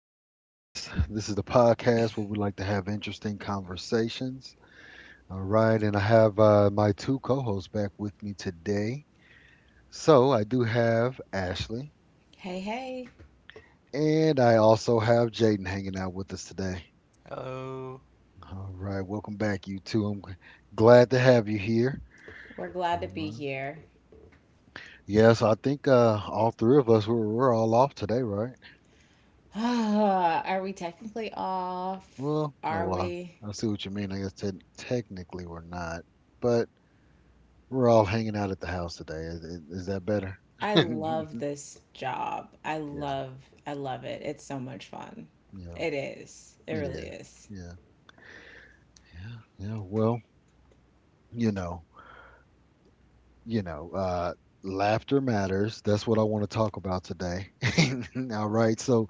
broadcast. This is the podcast where we like to have interesting conversations. All right, and I have my two co hosts back with me today. So I do have Ashley, Hey, hey, and I also have Jaden hanging out with us today. Oh, All right, welcome back, you two. I'm glad to have you here. we're glad to All be right. here. Yes, I think all three of us, we're all off today, right? Are we technically off? Well, a Are lot. we? I see what you mean. I guess technically we're not. But we're all hanging out at the house today. Is that better? I Yeah, love this job. I love it. It's so much fun. yeah, It is. It it really is. is. Yeah, yeah, yeah. Well, you know, you know, uh, laughter matters. That's what I want to talk about today. All right. So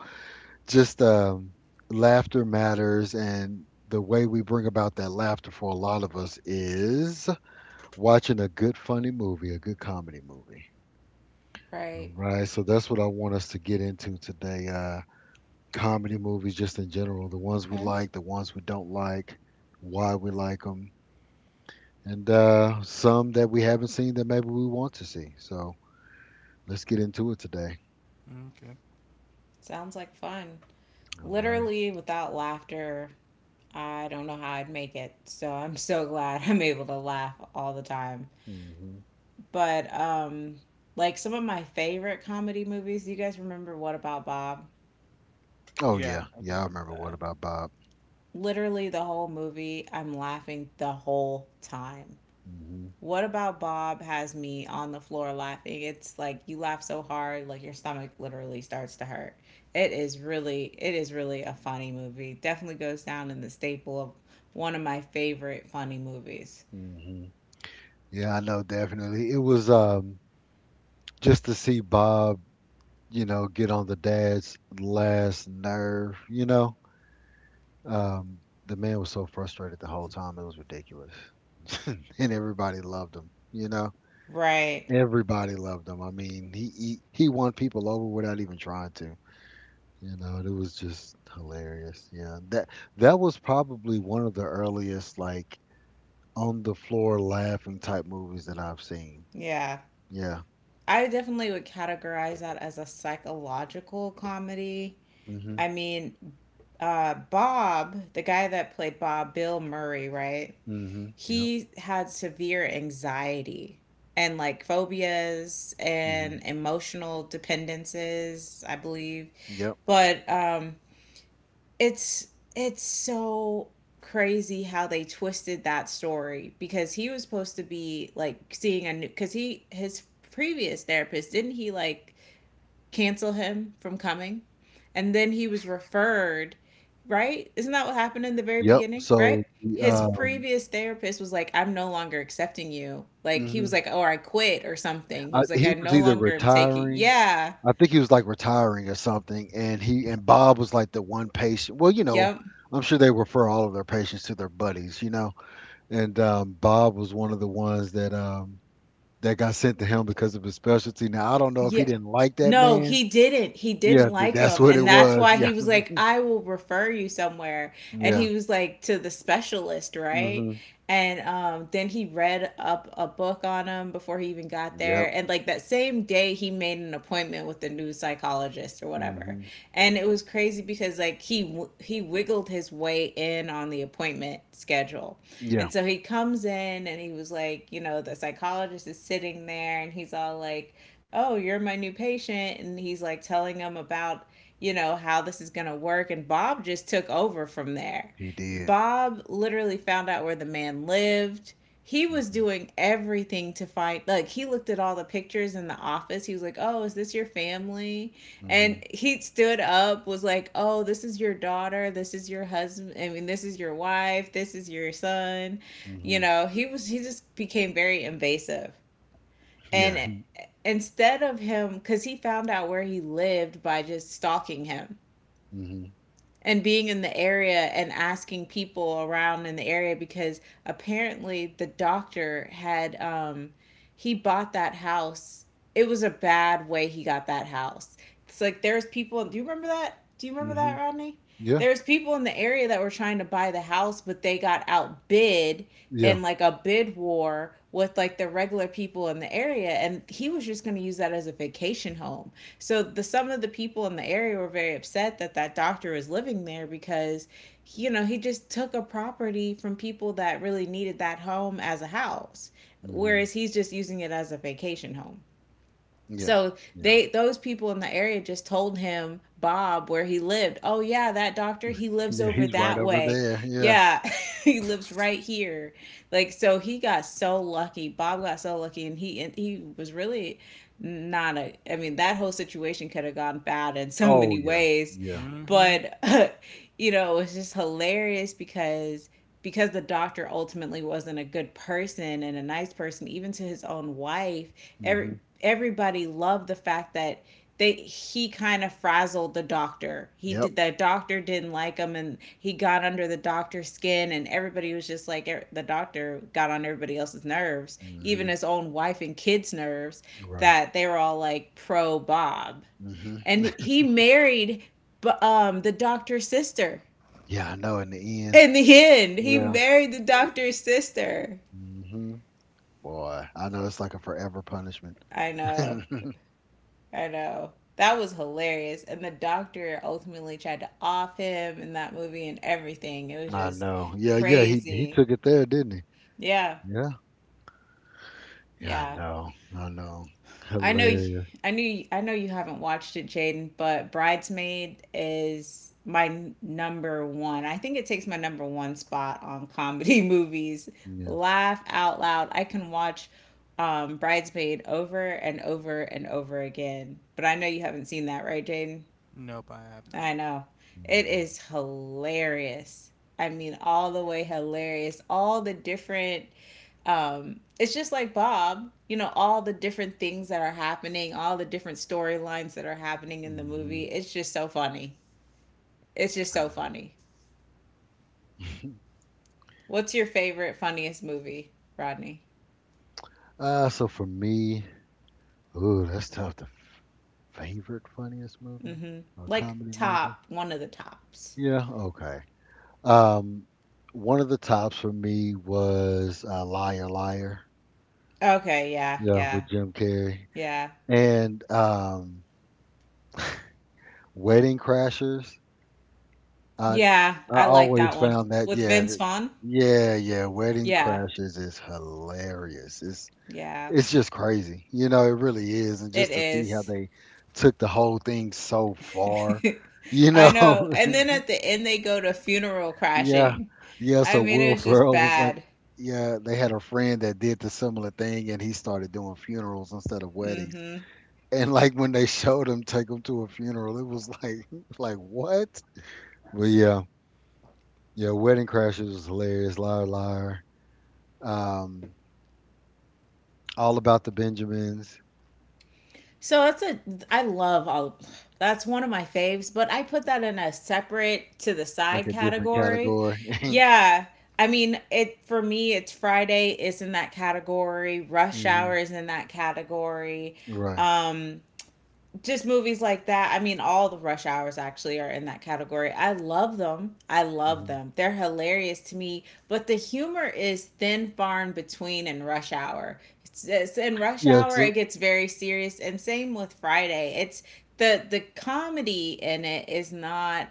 just laughter matters, and the way we bring about that laughter for a lot of us is watching a good funny movie, a good comedy movie. All Right. right. So that's what I want us to get into today. Comedy movies just in general, the ones we Okay. like, the ones we don't like, why we like them, and some that we haven't seen that maybe we want to see. So let's get into it today. okay. Sounds like fun. All right. Literally, without laughter, I don't know how I'd make it. So I'm so glad I'm able to laugh all the time. Mm-hmm. But, um, like some of my favorite comedy movies, do you guys remember What About Bob? Oh Yeah, yeah, I yeah, do I remember remember What that. About Bob. Literally the whole movie, I'm laughing the whole time. Hmm. What About Bob has me on the floor laughing. It's like you laugh so hard, like your stomach literally starts to hurt. It is really a funny movie. Definitely goes down in the staple of one of my favorite funny movies. Hmm. Yeah, I know definitely. It was just to see Bob, get on the dad's last nerve. Um, the man was so frustrated the whole time. It was ridiculous, and everybody loved him. Right. Everybody loved him. I mean, he won people over without even trying to. It was just hilarious. Yeah, that was probably one of the earliest like on the floor laughing type movies that I've seen. Yeah. Yeah. I definitely would categorize that as a psychological comedy. Mhm. I mean, Bob, the guy that played Bob, Bill Murray, right? Mhm. Yep. He had severe anxiety and like phobias Mhm. and emotional dependences, I believe. Yep. But it's it's so crazy how they twisted that story because he was supposed to be like seeing a new, cuz he his previous therapist didn't he like cancel him from coming. And then he was referred, right? Isn't that what happened in the very Yep. beginning, So right? the, His previous therapist was like, I'm no longer accepting you. Like, he was mhm. like, "Oh, I quit or something. He was like, he I was no either longer am taking. retiring Yeah. I think he was like retiring or something, and he and Bob was like the one patient. Well, Yep. I'm sure they refer all of their patients to their buddies. And Bob was one of the ones that that got sent to him because of his specialty. Now I don't know if he Yeah. didn't like that No, man. he didn't. He Yeah, didn't like that's him. what it And that's was. why Yeah, he was like, I will refer you somewhere. And yeah. he was like, to the specialist, right? Hmm. And then he read up a book on him before he even got Yep. there. And like that same day, he made an appointment with the new psychologist or whatever. Hmm. And it was crazy because like he wiggled his way in on the appointment schedule. Yeah, And so he comes in and he was like, you know, the psychologist is sitting there and he's all like, oh, you're my new patient. And he's like telling them about, you know, how this is going to work. And Bob just took over from there. he did. Bob literally found out where the man lived. He was Mm doing everything to find, like, he looked at all the pictures in the office. He was like, oh, is this your family? hmm. And he stood up, was like, oh, this is your daughter. This is your husband. I mean, this is your wife. This is your son. Hmm. You Hmm. know, he just became very invasive and Yeah. eh, instead of him because he found out where he lived by just stalking him Hmm. and being in the area and asking people around in the area because apparently the doctor had he bought that house. It was a bad way he got that house. It's like there's people, do you remember that? Do you remember Hmm. that, Rodney? Yeah. There's people in the area that were trying to buy the house, but they got outbid Yeah. in like a bid war with like the regular people in the area, and he was just going to use that as a vacation home. So the some of the people in the area were very upset that that doctor was living there because, you know, he just took a property from people that really needed that home as a house, Mm whereas hmm. he's just using it as a vacation home. Yeah. So Yeah. they those people in the area just told him, Bob, where he lived. Oh yeah, that doctor, he lives Yeah. over He's right that over way. there. Yeah. Yeah, he lives right here. Like, so he got so lucky. Bob got so lucky, and he was really not a, I mean that whole situation could have gone bad in so Oh many yeah. ways, Yeah. Mm-hmm. but you know, it was just hilarious because the doctor ultimately wasn't a good person and a nice person even to his own wife. Mm every, hmm. Everybody loved the fact that they he kind of frazzled the doctor. He Yep. did The doctor didn't like him and he got under the doctor's skin, and everybody was just like the doctor got on everybody else's nerves, Mm even hmm. his own wife and kids nerves, Right. that they were all like pro Bob. Mm hmm. And he married the doctor's sister. Yeah, I know. In the end. In the end, he Yeah. Oh yeah, married the you did. doctor's sister. Mm-hmm. Boy, I know it's like a forever punishment. I know. I know. That was hilarious. And the doctor ultimately tried to off him in that movie and everything. It was I just know. Yeah, yeah, he crazy. took it there, didn't he? Yeah. Yeah. Yeah, I Yeah. know. I know. I know, Hilarious. I I know you haven't watched it, Jaden, but Bridesmaid is my number one. I think it takes my number one spot on comedy movies. Yeah. Laugh out loud. I can watch Bridesmaid over and over and over again. But I know you haven't seen that, right, Jaden? Nope, I have I not. know. It Mhm. is hilarious. I mean, all the way hilarious. All the different it's just like Bob, you know, all the different things that are happening, all the different storylines that are happening in the movie. Mhm. It's just so funny. It's just I so know. funny. What's your favorite, funniest movie, Rodney? So for me, ooh, that's tough. The favorite funniest movie Mm-hmm. or Like comedy movie? top, one of the tops. Yeah, okay. Um, One of the tops for me was Liar Liar. Okay, yeah, Yeah, yeah, with Jim Carrey yeah. and Wedding Crashers. I Yeah, I I like always that one. found that With yeah Vince Vaughn? yeah, yeah, Wedding Yeah, Crashes is hilarious. It's yeah, it's just crazy, It really is, and it just to see how is. they took the whole thing so far, you I know. know. And then at the end, they go to funeral Yeah, crashing. yeah. I So mean, it Will was just Ferrell was like, bad. yeah, they had a friend that did the similar thing, and he started doing funerals instead of weddings. Mm-hmm. And like when they showed him take him to a funeral, it was like like what? But yeah. Yeah, Wedding Crashers was hilarious. Liar, liar. Um, all About the Benjamins, So that's a, I love all, that's one of my faves, but I put that in a separate to the like side a different category. category. Yeah. I mean, it for me it's Friday is in that category, Rush Hour Hmm. is in that category. Right. Um just movies like that. I mean, all the Rush Hours actually are in that category. I love them. I love Hmm. them. They're hilarious to me, but the humor is thin, far in between in Rush Hour. It's in Rush Yeah. Hour, So it gets very serious, and same with Friday. It's the comedy in it is not.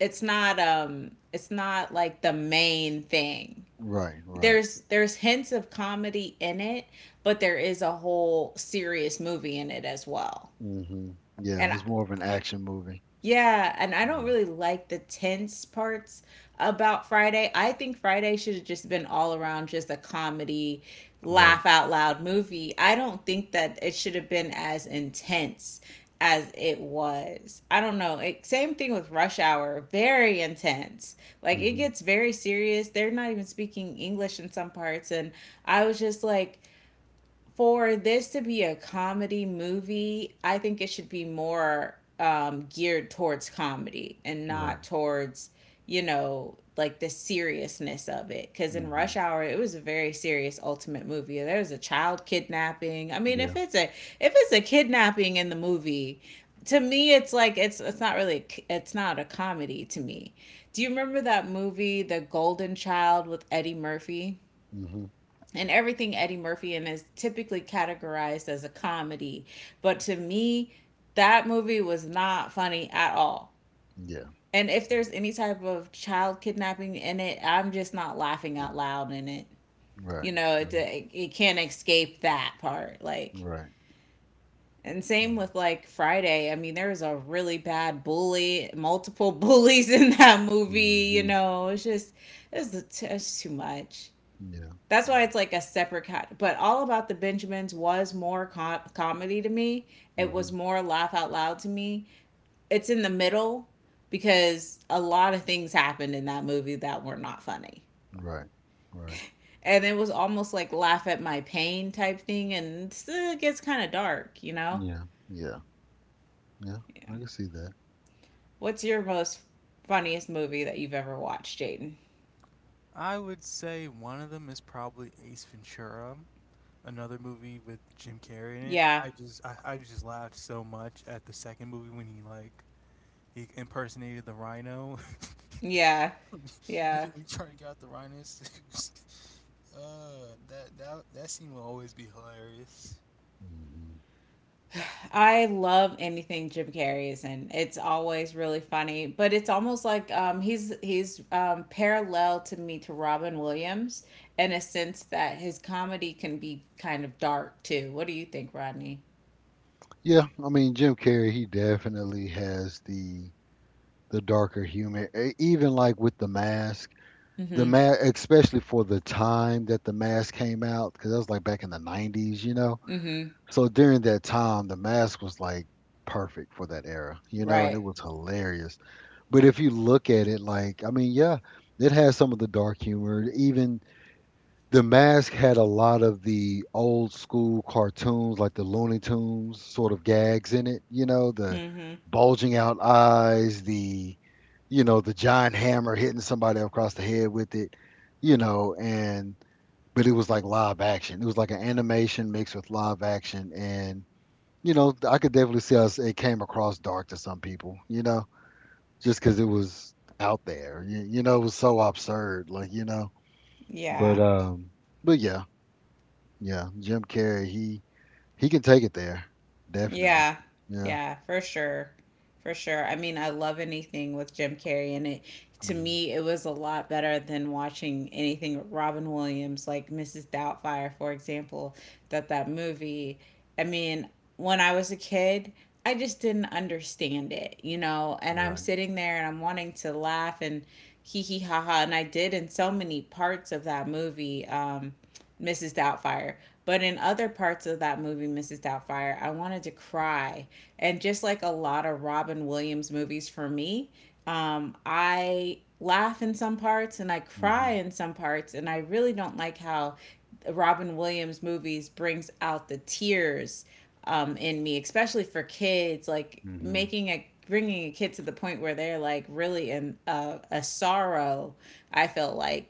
It's not it's not like the main thing. right, right. There's hints of comedy in it, but there is a whole serious movie in it as well. Hmm. Yeah, And it's more of an action movie. yeah, and I don't Yeah. really like the tense parts about Friday. I think Friday should have just been all around just a comedy, Right. laugh out loud movie. I don't think that it should have been as intense as it was. I don't know. It, same thing with Rush Hour, very intense. Like it Hmm. gets very serious. They're not even speaking English in some parts, and I was just like, for this to be a comedy movie, I think it should be more geared towards comedy and not Right. towards, you know, like the seriousness of it. Because in Rush Hmm. Hour, it was a very serious ultimate movie. There was a child kidnapping. I mean, Yeah. If it's a kidnapping in the movie, to me, it's like it's not really, it's not a comedy to me. Do you remember that movie, The Golden Child, with Eddie Murphy? Hmm. And everything Eddie Murphy in is typically categorized as a comedy. But to me, that movie was not funny at all. Yeah. And if there's any type of child kidnapping in it, I'm just not laughing out loud in it. Right. You know, Right. Can't escape that part. Like, Right. and same with like Friday. I mean, there was a really bad bully, multiple bullies in that movie. You Mm-hmm. know, it's too much. Yeah. That's why Yeah. it's like a separate cat. But All About the Benjamins was more com- comedy to me. It was Hmm. more laugh out loud to me. It's in the middle because a lot of things happened in that movie that were not funny. Right. Right. And it was almost like laugh at my pain type thing, and it gets kind of dark, you know? Yeah. Yeah. Yeah. Yeah. I can see that. What's your most funniest movie that you've ever watched, Jaden? I would say one of them is probably Ace Ventura, another movie with Jim Carrey in it. Yeah. I just laughed so much at the second movie when he impersonated the rhino. Yeah. And Yeah. then he tried to get out the rhinos. That that scene will always be hilarious. Hmm. I love anything Jim Carrey is in. It's always really funny, but it's almost like he's parallel to me to Robin Williams in a sense that his comedy can be kind of dark too. What do you think, Rodney? Yeah, I mean Jim Carrey, he definitely has the darker humor. Even like with the mask, the Mm-hmm. mask, especially for the time that the mask came out, because that was like back in the '90s. Mm-hmm. So during that time, the mask was like perfect for that era, and Right. it was hilarious. But if you look at it, like, I mean, yeah, it has some of the dark humor. Even the mask had a lot of the old school cartoons, like the Looney Tunes sort of gags in it, the Mm-hmm. bulging out eyes, the giant hammer hitting somebody across the head with it, and, but it was like live action. It was like an animation mixed with live action. And, I could definitely see how it came across dark to some people, just because it Mhm. was out there, it was so absurd, like, but, Yeah. um, but yeah, yeah, Jim Carrey, he can take it there, definitely. Yeah. Yeah. Yeah, for sure. For sure. I mean, I love anything with Jim Carrey in it. To Hmm. me, it was a lot better than watching anything with Robin Williams, like Mrs. Doubtfire, for example, that movie. I mean, when I was a kid, I just didn't understand it, you know, and I'm Right. sitting there and I'm wanting to laugh and hee hee ha ha, and I did in so many parts of that movie. Mrs. Doubtfire. But in other parts of that movie, Mrs. Doubtfire, I wanted to cry. And just like a lot of Robin Williams movies for me, I laugh in some parts and I Hmm. cry in some parts. And I really don't like how Robin Williams movies brings out the tears in me, especially for kids, like Hmm. making a bringing a kid to the point where they're like really in a sorrow I feel like,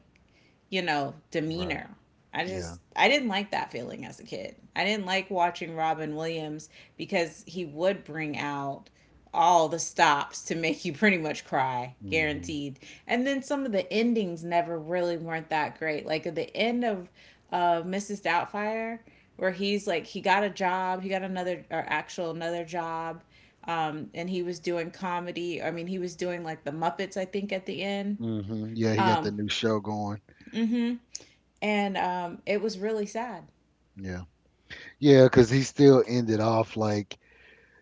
you know, Right. demeanor. I Yeah. just I didn't like that feeling as a kid. I didn't like watching Robin Williams because he would bring out all the stops to make you pretty much cry, Hmm. guaranteed. And then some of the endings never really weren't that great. Like at the end of Mrs. Doubtfire, where he's like he got a job, he got another or actual another job, and he was doing comedy. I mean, he was doing like the Muppets, I think, at the end. Hmm. Yeah, he got the Um, new show going. mm-hmm. And it was really sad. Yeah. Yeah, because he still ended off like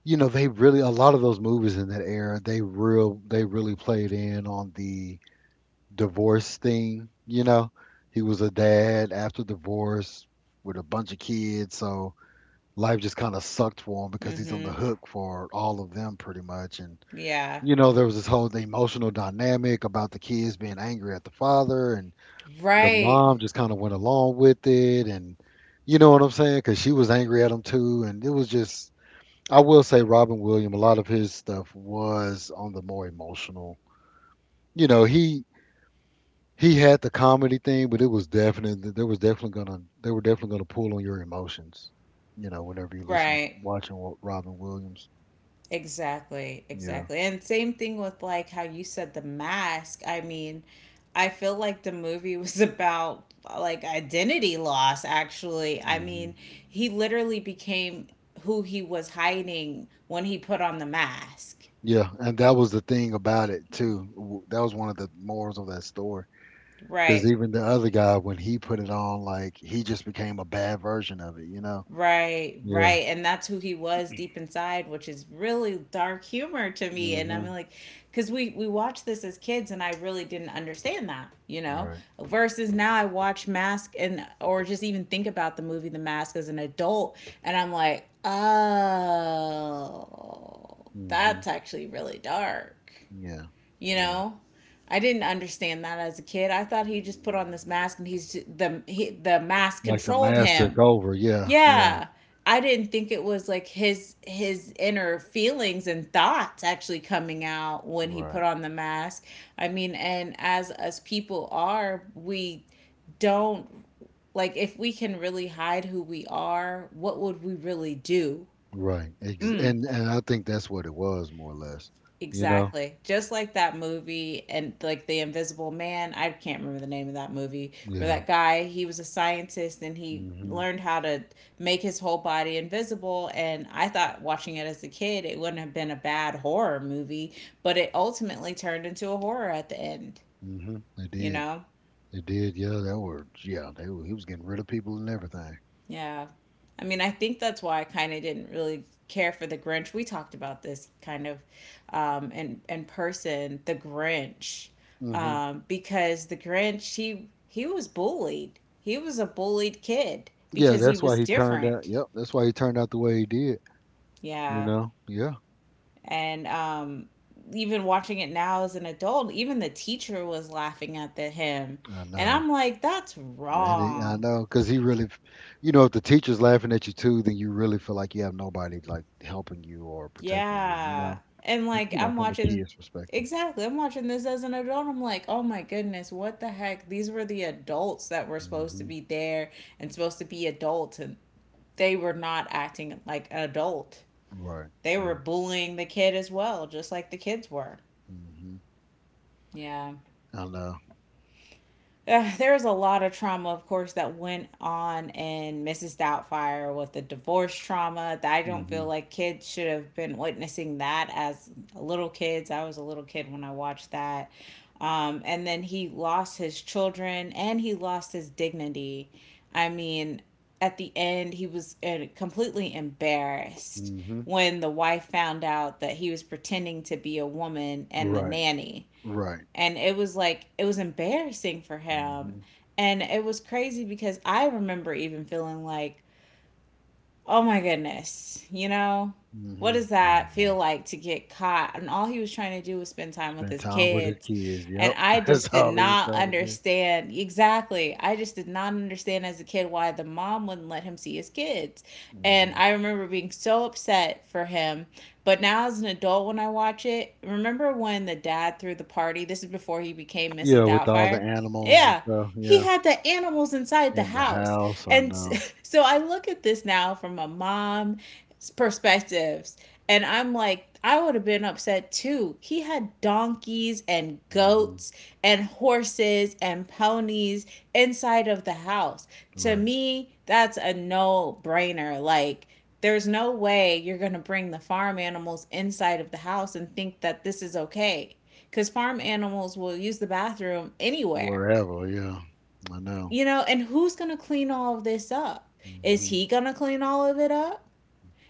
they really a lot of those movies in that era they really played in on the divorce thing. You know, he was a dad after divorce with a bunch of kids, so life just kind of sucked for him because he's on the Mm-hmm. hook for all of them pretty much. And Yeah. you know, there was this whole emotional dynamic about the kids being angry at the father, and the Right. mom just kind of went along with it, and you know what I'm saying? Because she was angry at him too, and it was just. I will say Robin Williams, a lot of his stuff was on the more emotional. You know, he he had the comedy thing, but it was definitely there was definitely gonna they were definitely gonna pull on your emotions. Whenever you're listening, Right. watching Robin Williams. Exactly. Yeah. Exactly. And same thing with like how you said the mask. I mean, I feel like the movie was about like identity loss, actually. I Hmm. mean, he literally became who he was hiding when he put on the mask. Yeah, and that was the thing about it too. That was one of the morals of that story. Because Right. even the other guy, when he put it on, like he just became a bad version of it, you know? Right, Yeah. right. And that's who he was deep inside, which is really dark humor to me. And I'm Hmm. like, because we watched this as kids and I really didn't understand that, you know? Right. Versus now I watch Mask and, or just even think about the movie The Mask as an adult. And I'm like, oh, Hmm. that's actually really dark, Yeah. you Yeah. know? I didn't understand that as a kid. I thought he just put on this mask and he's j- the he, the mask Like the controlled mask took him. over. Yeah. Yeah. Yeah. I didn't think it was like his inner feelings and thoughts actually coming out when he Right. put on the mask. I mean, and as us people are, we don't, like if we can really hide who we are, what would we really do? Right. Mm. And I think that's what it was more or less. You know? Exactly. Just like that movie and like The Invisible Man, I can't remember the name of that movie, where Yeah. that guy, he was a scientist and he Hmm. learned how to make his whole body invisible, and I thought watching it as a kid, it wouldn't have been a bad horror movie, but it ultimately turned into a horror at the end, Hmm. It you did. know? It did. Yeah. That were. Yeah. He was getting rid of people and everything. Yeah. I mean, I think that's why I kind of didn't really care for the Grinch. We talked about this kind of in person, the Grinch, Mhm. Because the Grinch, he was bullied. He was a bullied kid Yeah, because he that's why was he turned out. different. Yep, that's why he turned out the way he did. You Yeah, know. Yeah, and even watching it now as an adult, even the teacher was laughing at the him, I and know. I'm like, that's And I wrong. know, cause he really, you know, if the teacher's laughing at you too, then you really feel like you have nobody like helping you or protecting you. You Yeah. know. And like You know, I'm from a watching, kid's perspective. exactly, I'm watching this as an adult. I'm like, oh my goodness, what the heck? These were the adults that were supposed to Hmm. be there and supposed to be adults, and they were not acting like an adult. Right. They were Right. bullying the kid as well, just like the kids were. Hmm. Yeah. I know. There was a lot of trauma, of course, that went on in Mrs. Doubtfire with the divorce trauma. That I don't feel Hmm. like kids should have been witnessing that as little kids. I was a little kid when I watched that. And then he lost his children and he lost his dignity. I mean, at the end, he was completely embarrassed Hmm. when the wife found out that he was pretending to be a woman and the Right. nanny, Right. and it was like it was embarrassing for him, Hmm. and it was crazy because I remember even feeling like, oh my goodness. You know, what Hmm. does Yeah, I that feel know. like to get caught? And all he was trying to do was spend time with Spend his time with his kids. kids. And Yep. I just That's did all he was not trying to do. understand, exactly, I just did not understand as a kid why the mom wouldn't let him see his kids. And Mm-hmm. I remember being so upset for him. But now, as an adult, when I watch it, remember when the dad threw the party? This is before he became Mrs. Yeah, with all the Doubtfire. animals and Yeah, stuff, he yeah, had the animals inside the in the house. house, I And know. so I look at this now from a mom's perspectives, and I'm like, I would have been upset too. He had donkeys and Hmm. goats and horses and ponies inside of the house. To Right. me, that's a no brainer. Like, there's no way you're going to bring the farm animals inside of the house and think that this is okay. Because farm animals will use the bathroom anywhere. Wherever, yeah, I know. You know, and who's going to clean all of this up? Is Hmm. he going to clean all of it up?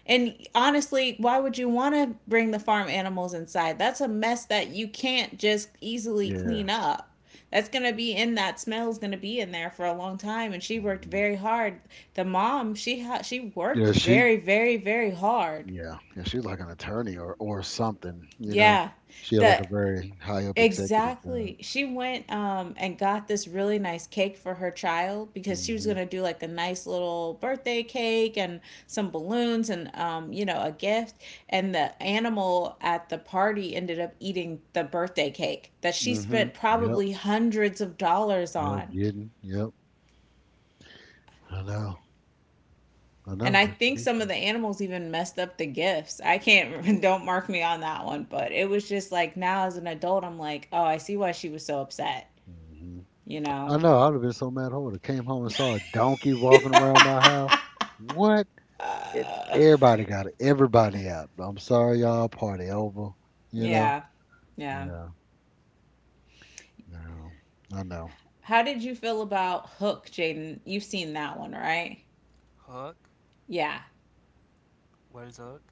And honestly, why would you want to bring the farm animals inside? That's a mess that you can't just easily Yeah. clean up. That's going to be in, that smell is going to be in there for a long time, and she worked Hmm. very hard. The mom, she worked Yeah, very very very hard. yeah, yeah, she's like an attorney or something. Yeah. She had like The a very high up executive job. Exactly. She went and got this really nice cake for her child because she was Hmm. going to do like a nice little birthday cake and some balloons and you know, a gift, and the animal at the party ended up eating the birthday cake that she Hmm. spent Yep. probably hundreds of dollars Yep. on. Getting. Yep. I know. I And know. I It's think some of ridiculous. the animals even messed up the gifts. I can't, don't mark me on that one, but it was just like now as an adult, I'm like, oh, I see why she was so upset, Hmm. you know? I know. I would have been so mad. I would have came home and saw a donkey walking around my house. What? Everybody got it. Everybody out. I'm sorry, y'all. Party over. You know. Yeah. Yeah. Yeah. No. I know. How did you feel about Hook, Jaden? You've seen that one, right? Hook, Yeah. what is Hook?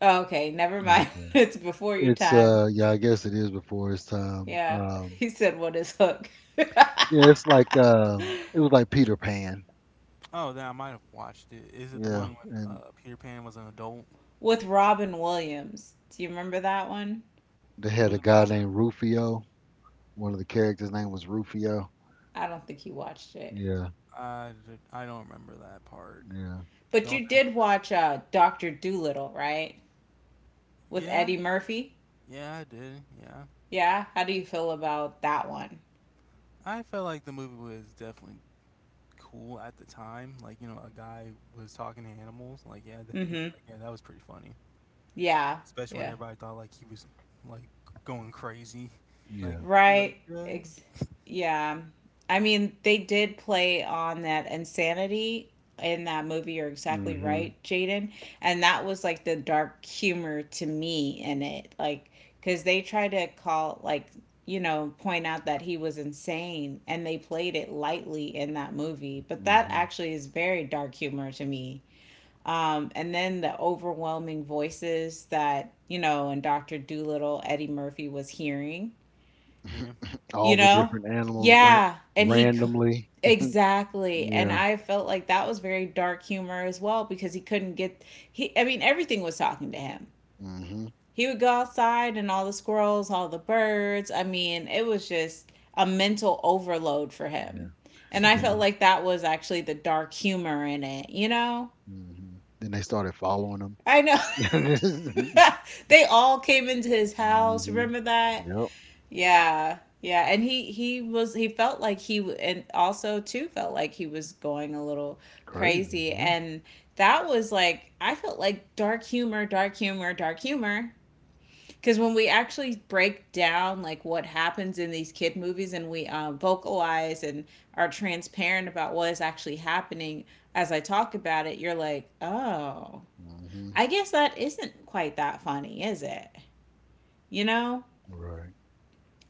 Oh, okay, never mind. Okay. It's before your It's time. uh. Yeah. I guess it is before its time. Yeah. He said, what is Hook? Yeah. It was like Peter Pan. Oh, then I might have watched it. Is it the Yeah. one when And Peter Pan was an adult? With Robin Williams. Do you remember that one? they Who had was a guy Robert? named Rufio. One of the characters' name was Rufio. I don't think you watched it. Yeah. I don't remember that part. Yeah. But you Don't I? Rem- did watch Dr. Dolittle, right? With Yeah, Eddie Murphy? yeah, I did. Yeah, Yeah. How do you feel about that one? I felt like the movie was definitely cool at the time. Like you know, a guy was talking to animals. Like yeah, that, Mm hmm. like yeah, that was pretty funny. Yeah. Especially when Yeah. everybody thought like he was like going crazy. Like, Yeah. dude, are Right. you good? Ex- yeah. I mean, they did play on that insanity in that movie. You're exactly Mhm. right, Jaden. And that was like the dark humor to me in it. Like, because they try to call, like, you know, point out that he was insane and they played it lightly in that movie. But that Mhm. actually is very dark humor to me. And then the overwhelming voices that, you know, and Dr. Doolittle, Eddie Murphy was hearing, Yeah, All you the know? different animals ran Yeah. And randomly. exactly. And Yeah. I felt like that was very dark humor as well because he couldn't get, he, I mean, everything was talking to him. Mhm. He would go outside and all the squirrels, all the birds. I mean, it was just a mental overload for Yeah. him. And I felt Then yeah. like that was actually the dark humor in it, you know? Mhm. Then they started following him. I know. Mhm. They all came into his house. Remember that? Yep. Yeah. Yeah, and he was, he felt like he w- and also too felt like he was going a little Crazy. crazy, Yeah. and that was like I felt like dark humor, dark humor, dark humor, because when we actually break down like what happens in these kid movies and we vocalize and are transparent about what is actually happening, as I talk about it, you're like, "Oh, Hmm. I guess that isn't quite that funny, is it?" You know? Right.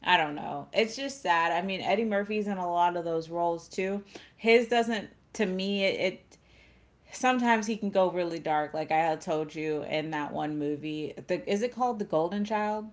I don't know. It's just sad. I mean, Eddie Murphy's in a lot of those roles too. His doesn't to me it sometimes he can go really dark, like I had told you in that one movie. The Is it called The Golden Child?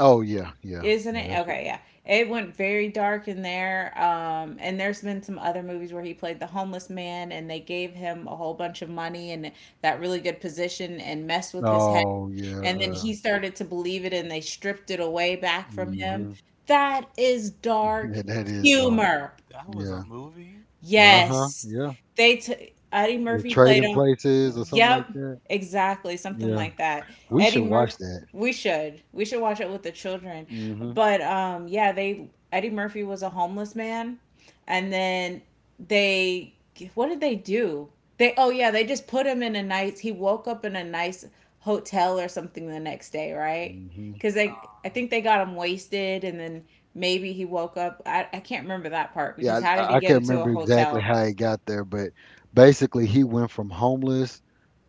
Oh yeah, yeah, Isn't yeah. it? That's Okay, yeah. It went very dark in there. And there's been some other movies where he played the homeless man and they gave him a whole bunch of money and that really good position, and messed what. with his head, Oh yeah. and then he started to believe it and they stripped it away back from him. Hmm. That is Yeah, dark that is dark. humor. That was a Yeah. movie. Uh huh. Yes. Yeah. They took, Eddie The Murphy played Trading him. Places or something like Yep, that. exactly, something Yeah. like that. We Oh, Eddie should wow. Murphy, watch that. we should. We should watch it with the children. Hmm. But yeah, they, Eddie Murphy was a homeless man, and then they, what did they do? They, oh yeah, they just put him in a nice, he woke up in a nice hotel or something the next day, right? Hmm. Because they, Ah. I think they got him wasted and then maybe he woke up. I can't remember that part because Yeah. how I, did I he I get can't into a remember exactly hotel? how he got there, but basically he went from homeless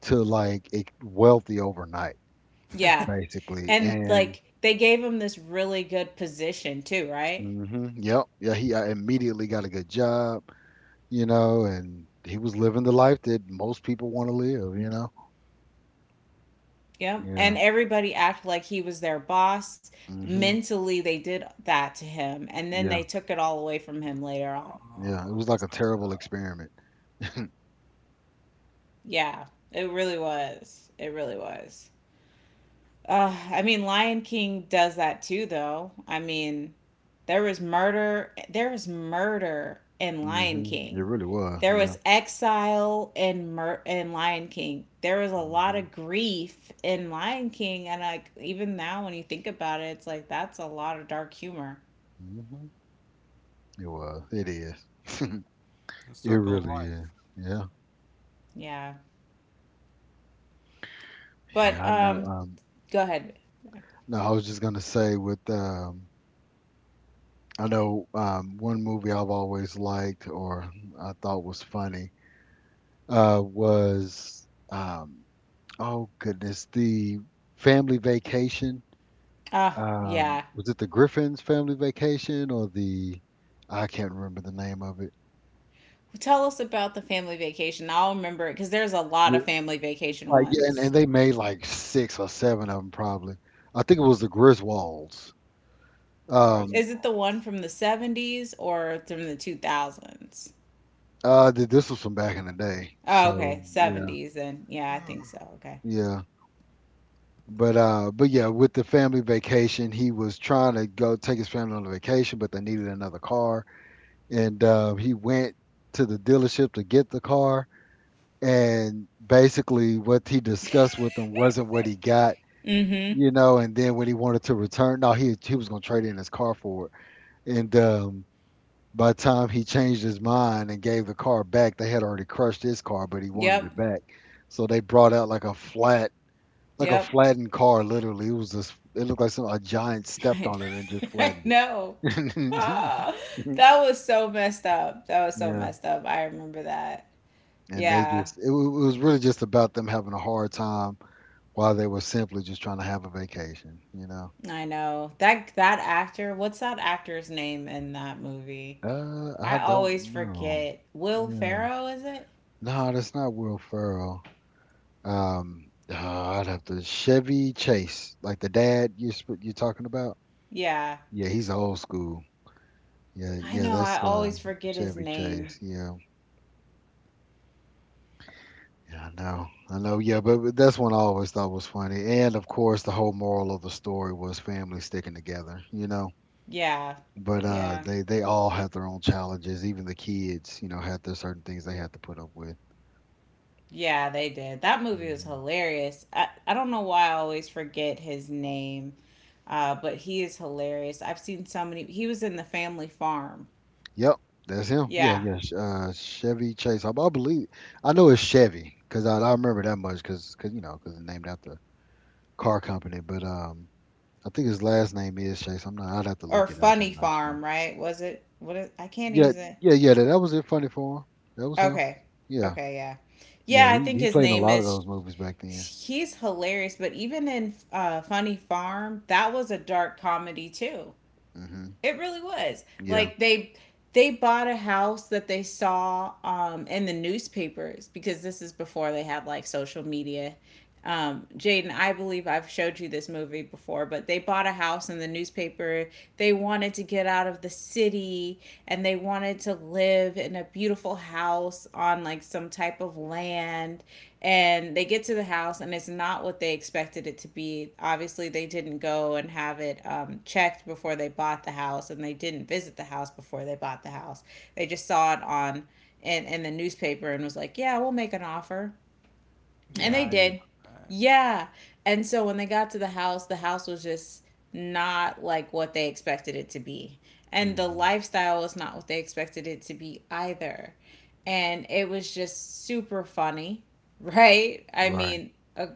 to like wealthy overnight. Yeah. Basically. And And like they gave him this really good position too, right? Yep, yeah, he immediately got a good job, and he was living the life that most people want to live. Yep. And Yeah. everybody acted like he was their boss. Hmm. Mentally, they did that to him and then they Yeah. took it all away from him later on. Yeah. Oh, It was that's like a messed terrible up. experiment. Yeah. It really was. It really was. I mean, Lion King does that too, though. I mean, there was murder. There was murder in Lion Hmm. It King. really was. There Yeah. was exile in in Lion King. There was a lot Hmm. of grief in Lion King, and even now, when you think about it, it's like that's a lot of dark humor. Hmm. It was. It is. The It circle of really is. life. Yeah. Yeah, but Yeah. I know. Go ahead. No, I was just gonna say with. I know one movie I've always liked or I thought was funny was um, oh goodness, the Family Vacation. Uh, yeah. Was it the Griffin's Family Vacation or the I can't remember the name of it. Tell us about the family vacation. I'll remember it because there's a lot of The- family vacation Like yeah, and, ones. and they made like six or seven of them probably. I think it was the Griswolds. Um, Is it the one Griswolds. from the 70s or from the 2000s? This was from back in the day, Oh, so okay, yeah, 70s then. Yeah, I think so. Okay. yeah. But yeah, with the family vacation, he was trying to go take his family on a vacation, but they needed another car, and he went to the dealership to get the car, and basically what he discussed with them wasn't what he got Mm-hmm. you know And then when he wanted to return, no, he was going to trade in his car for it, and by the time he changed his mind and gave the car back, they had already crushed his car, but he wanted Yep. it back. So they brought out like a Yep. flattened car. Literally, it was just, it looked like some, a giant stepped I on it and just flattened know. it. Ah, that was so messed up. That was so Yeah, messed up. I remember that. and they Yeah, just, it was really just about them having a hard time while they were simply just trying to have a vacation. I know. That actor, what's that actor's name in that movie? I I don't always know. forget. Will Yeah, Ferrell, is it? no, that's not Will Ferrell. I'd have to, Chevy Chase, like the dad you're talking about. Yeah. Yeah, he's old school. Yeah, I yeah, know. I that's always forget his Chevy name. Chase. Yeah, yeah, I know. I know. Yeah, but that's one I always thought was funny. And of course, the whole moral of the story was family sticking together, you know? Yeah. But uh, Yeah. they they all had their own challenges. Even the kids, had their certain things they had to put up with. Yeah, they did. That movie was Mhm. hilarious. I don't know why I always forget his name, but he is hilarious. I've seen so many. He was in The Family Farm. Yep, that's him. Yeah, Yeah. yeah. Chevy Chase. I believe I know it's Chevy because I remember that much because you know because it's named after car company. But I think his last name is Chase. I'm not. I'd have to Or look it up. Funny I'm not sure. Farm, right? Was it? What is, I can't Yeah, use it. yeah, yeah. That was it. Funny for him. That was him. Okay. Yeah, Okay, yeah. yeah. Yeah, I He think he his played in a name lot of is. those movies back then. He's hilarious, but even in Funny Farm, that was a dark comedy too. Mhm. It really was. Yeah. Like they bought a house that they saw in the newspapers because this is before they had like social media. Jaden, I believe I've showed you this movie before, but they bought a house in the newspaper. They wanted to get out of the city and they wanted to live in a beautiful house on like some type of land. And they get to the house and it's not what they expected it to be. Obviously, they didn't go and have it checked before they bought the house and they didn't visit the house before they bought the house. They just saw it on in the newspaper and was like, yeah, we'll make an offer, and they Yeah, I Mhm. do did. remember Yeah. And so when they got to the house was just not like what they expected it to be. And the Mhm. lifestyle was not what they expected it to be either. And it was just super funny, right? I Right. mean,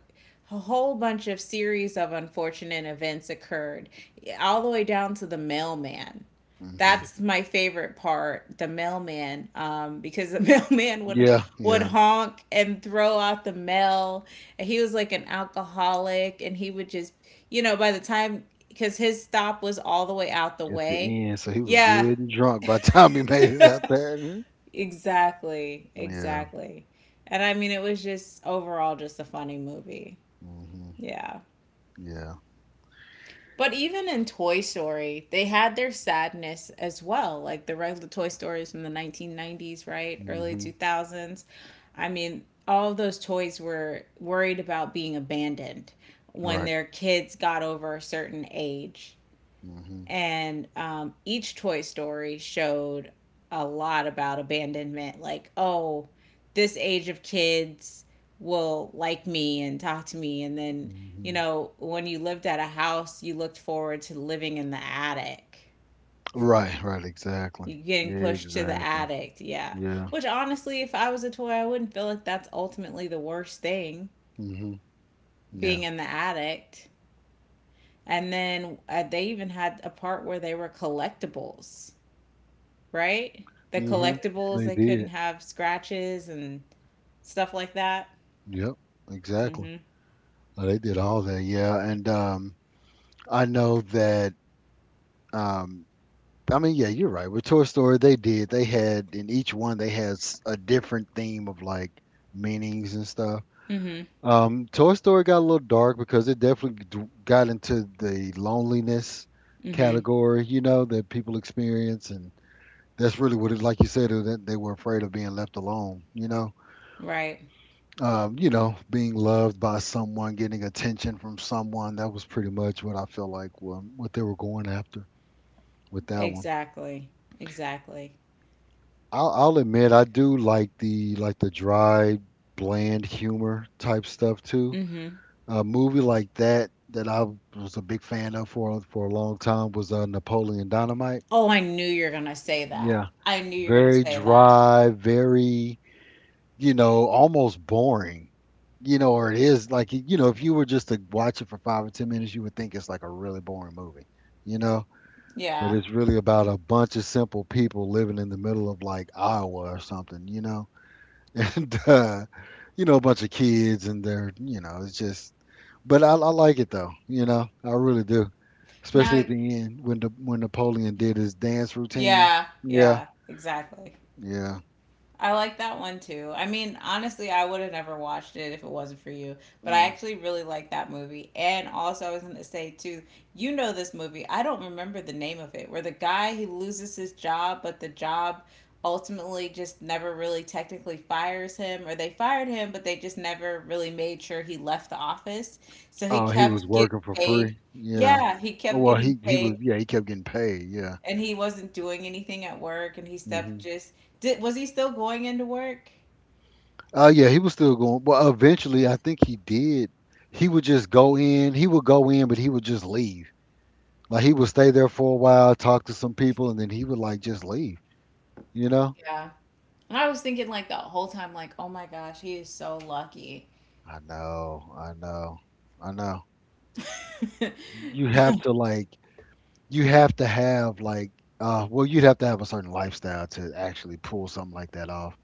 a whole bunch of series of unfortunate events occurred, all the way down to the mailman. Mhm. That's that. my favorite part, the mailman, because the mailman Yeah, would yeah. honk and throw out the mail, and he was like an alcoholic, and he would just, you know, by the time, because his stop was all the way out the At the way. end, so he was Yeah, good and drunk by the time he made it out there. Mhm. exactly, Yeah. exactly. And I mean, it was just overall just a funny movie. Hmm. Yeah. Yeah. But even in Toy Story, they had their sadness as well. Like the regular Toy Stories from the 1990s, right? Early Hmm. 2000s. I mean, all of those toys were worried about being abandoned when Right. their kids got over a certain age, Hmm. and each Toy Story showed a lot about abandonment. Like, oh, this age of kids will like me and talk to me. And then, you Hmm. know, when you lived at a house, you looked forward to living in the attic. Right. Right. Exactly. You getting pushed to the Exactly. attic, yeah. Yeah. Which honestly, if I was a toy, I wouldn't feel like that's ultimately the worst thing Hmm. being Yeah. in the attic. And then they even had a part where they were collectibles, right? The Yeah. Hmm. Yeah. collectibles, They they couldn't did. have scratches and stuff like that. Yep. Exactly. Mhm. They did all that. Yeah. And I know that, um, I mean, yeah, you're right. With Toy Story, they did. They had in each one, they had a different theme of like meanings and stuff. Mhm. Toy Story got a little dark because it definitely got into the loneliness Mhm. category, you know, that people experience, and that's really what it, like you said, that they were afraid of being left alone, you know, Right. um, you know, being loved by someone, getting attention from someone. That was pretty much what I felt like what they were going after with that one. Exactly. Exactly. I'll admit I do like the dry, bland humor type stuff too. Mhm. A movie like that that I was a big fan of for a long time was Napoleon Dynamite. Oh, I knew you were going to say that. Yeah, I knew you were going to very say that. dry, very, almost boring. Or it is, like, if you were just to watch it for 5 or 10 minutes, you would think it's like a really boring movie. You know, but Yeah. it's really about a bunch of simple people living in the middle of like Iowa or something. You know, and a bunch of kids and they're, it's just. But I like it though, I really do. Especially Now, at the end when Napoleon did his dance routine. yeah. Yeah, Yeah. Exactly. yeah. I like that one too. I mean, honestly, I would have never watched it if it wasn't for you. But I Mm. actually really like that movie. And also, I was going to say too, you know this movie. I don't remember the name of it, where the guy he loses his job, but the job ultimately just never really technically fires him, or they fired him, but they just never really made sure he left the office. So he Oh, he was kept getting working for paid. free. Yeah. Yeah, he kept Well, getting he was. paid, Yeah, he kept getting paid. Yeah. and he wasn't doing anything at work, and he Hmm. stepped just did. Was he still going into work? Yeah, he was still going. Well, eventually, I think he did. He would just go in. He would go in, but he would just leave. Like he would stay there for a while, talk to some people, and then he would, like, just leave. You know? Yeah. And I was thinking like the whole time, like, oh my gosh, he is so lucky. I know, I know, I know. You have to like, you have to have like, Well, you'd have to have a certain lifestyle to actually pull something like that off.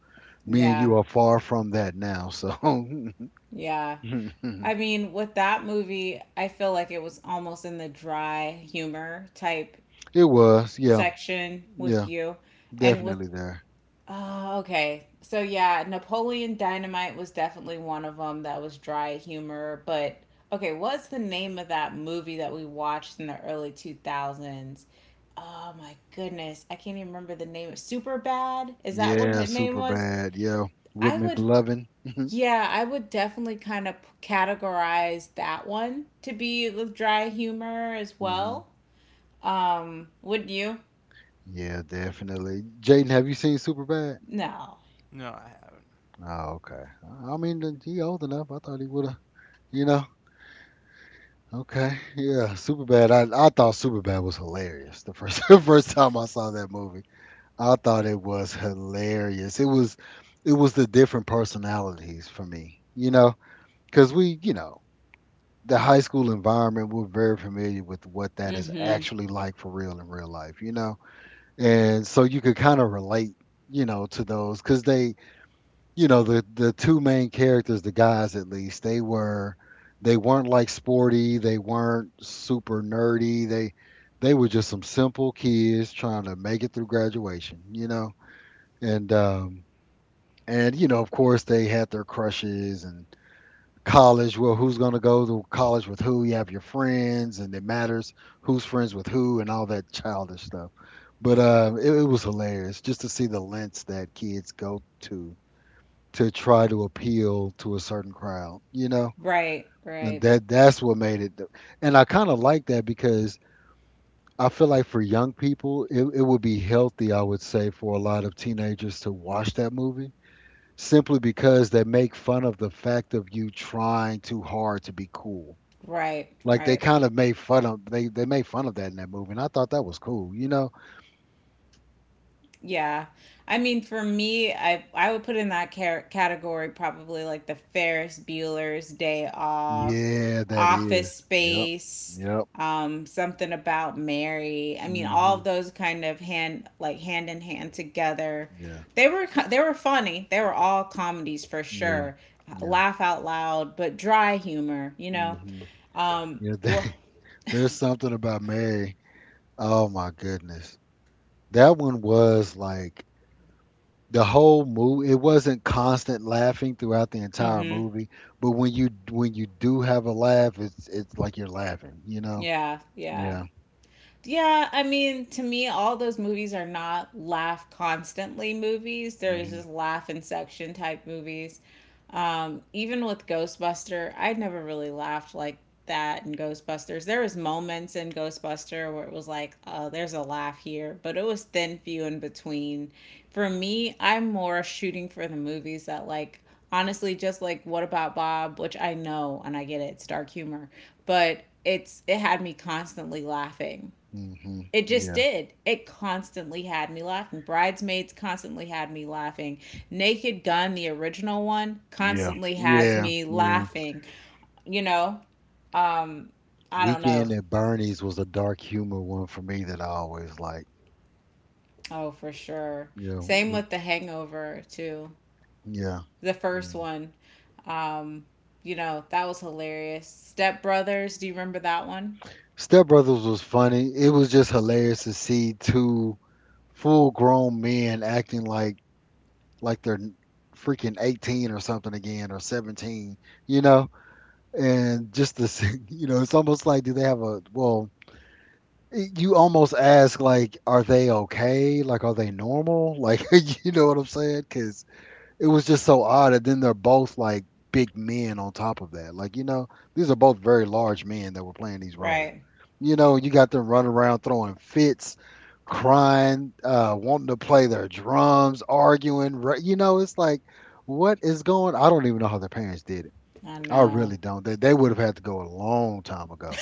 Me and Yeah. you are far from that now, so Yeah. it I mean, with that movie, I feel like it was almost in the dry humor type was, yeah, section with yeah, you. And with definitely there. Oh, okay. So yeah, Napoleon Dynamite was definitely one of them that was dry humor, but okay, what's the name of that movie that we watched in the early 2000s? Oh my goodness, I can't even remember the name. Super Bad? Is that what Yeah, her name super was? bad. Yeah, with I would McLovin. yeah, I would definitely kind of categorize that one to be with dry humor as Hmm. well. Would you? Yeah, definitely. Jaden, have you seen Superbad? No. No, I haven't. Oh, okay. I mean, then he old enough. I thought he would have, you know. Okay, yeah, Superbad. I thought Superbad was hilarious the first the first time I saw that movie. I thought it was hilarious. It was the different personalities for me, you know, because we, you know, the high school environment, we're very familiar with what that is Mhm. actually like for real in real life, you know, and so you could kind of relate, you know, to those because they, you know, the two main characters, the guys, at least, they weren't like sporty, they weren't super nerdy, they were just some simple kids trying to make it through graduation, you know. And and, you know, of course they had their crushes. And college, well, who's going to go to college with who. You have your friends, and it matters who's friends with who and all that childish stuff. But it was hilarious just to see the lengths that kids go to try to appeal to a certain crowd, you know? Right, And right, that's what made it. And I kind of like that because I feel like for young people, it would be healthy, I would say, for a lot of teenagers to watch that movie simply because they make fun of the fact of you trying too hard to be cool. right, Like they right. kind of made fun of, they made fun of that in that movie, and I thought that was cool, you know? Yeah. I mean, for me, I would put in that category probably like the Ferris Bueller's Day Off, Yeah, that is. Office Yep. Space, Yep. Something about Mary. I mean, all of Mhm. those kind of hand like hand in hand together. Yeah. They were they were funny. They were all comedies for Yeah. sure. Yeah. Laugh out loud, but dry humor, you know. Mhm. Um, Yeah. wh- There's something about Mary. Oh my goodness. That one was, like, the whole movie, it wasn't constant laughing throughout the entire mhm. movie, but when you do have a laugh, it's like you're laughing, you know? Yeah, yeah. Yeah. Yeah, I mean, to me, all those movies are not laugh constantly movies. There's Mhm. just laugh in section type movies. Even with Ghostbuster, I never really laughed like that in Ghostbusters. There was moments in Ghostbuster where it was like, oh, there's a laugh here, but it was thin few in between. For me, I'm more shooting for the movies that like honestly just like What About Bob, which I know and I get it, it's dark humor, but it's it had me constantly laughing. Mhm. It just Yeah. did. It constantly had me laughing. Bridesmaids constantly had me laughing. Naked Gun, the original one, Yeah. constantly has Yeah. me Yeah. laughing. You know, I don't know. Weekend at Bernie's was a dark humor one for me that I always like. Oh, for sure. Yeah. Same with The Hangover, too. Yeah. The first Mm-hmm. one, you know, that was hilarious. Step Brothers, do you remember that one? Step Brothers was funny. It was just hilarious to see two full grown men acting like they're freaking 18 or something again, or 17, you know? And just to see, it's almost like, do they have a, well, you almost ask like, are they okay? Like, are they normal? Like, you know what I'm saying? Cuz it was just so odd. And then they're both like big men on top of that. Like, these are both very large men that were playing these roles. Right. You know, you got them running around throwing fits, crying, wanting to play their drums, arguing. It's like, what is going, I don't even know how their parents did it. I I know. really don't. They would have had to go a long time ago,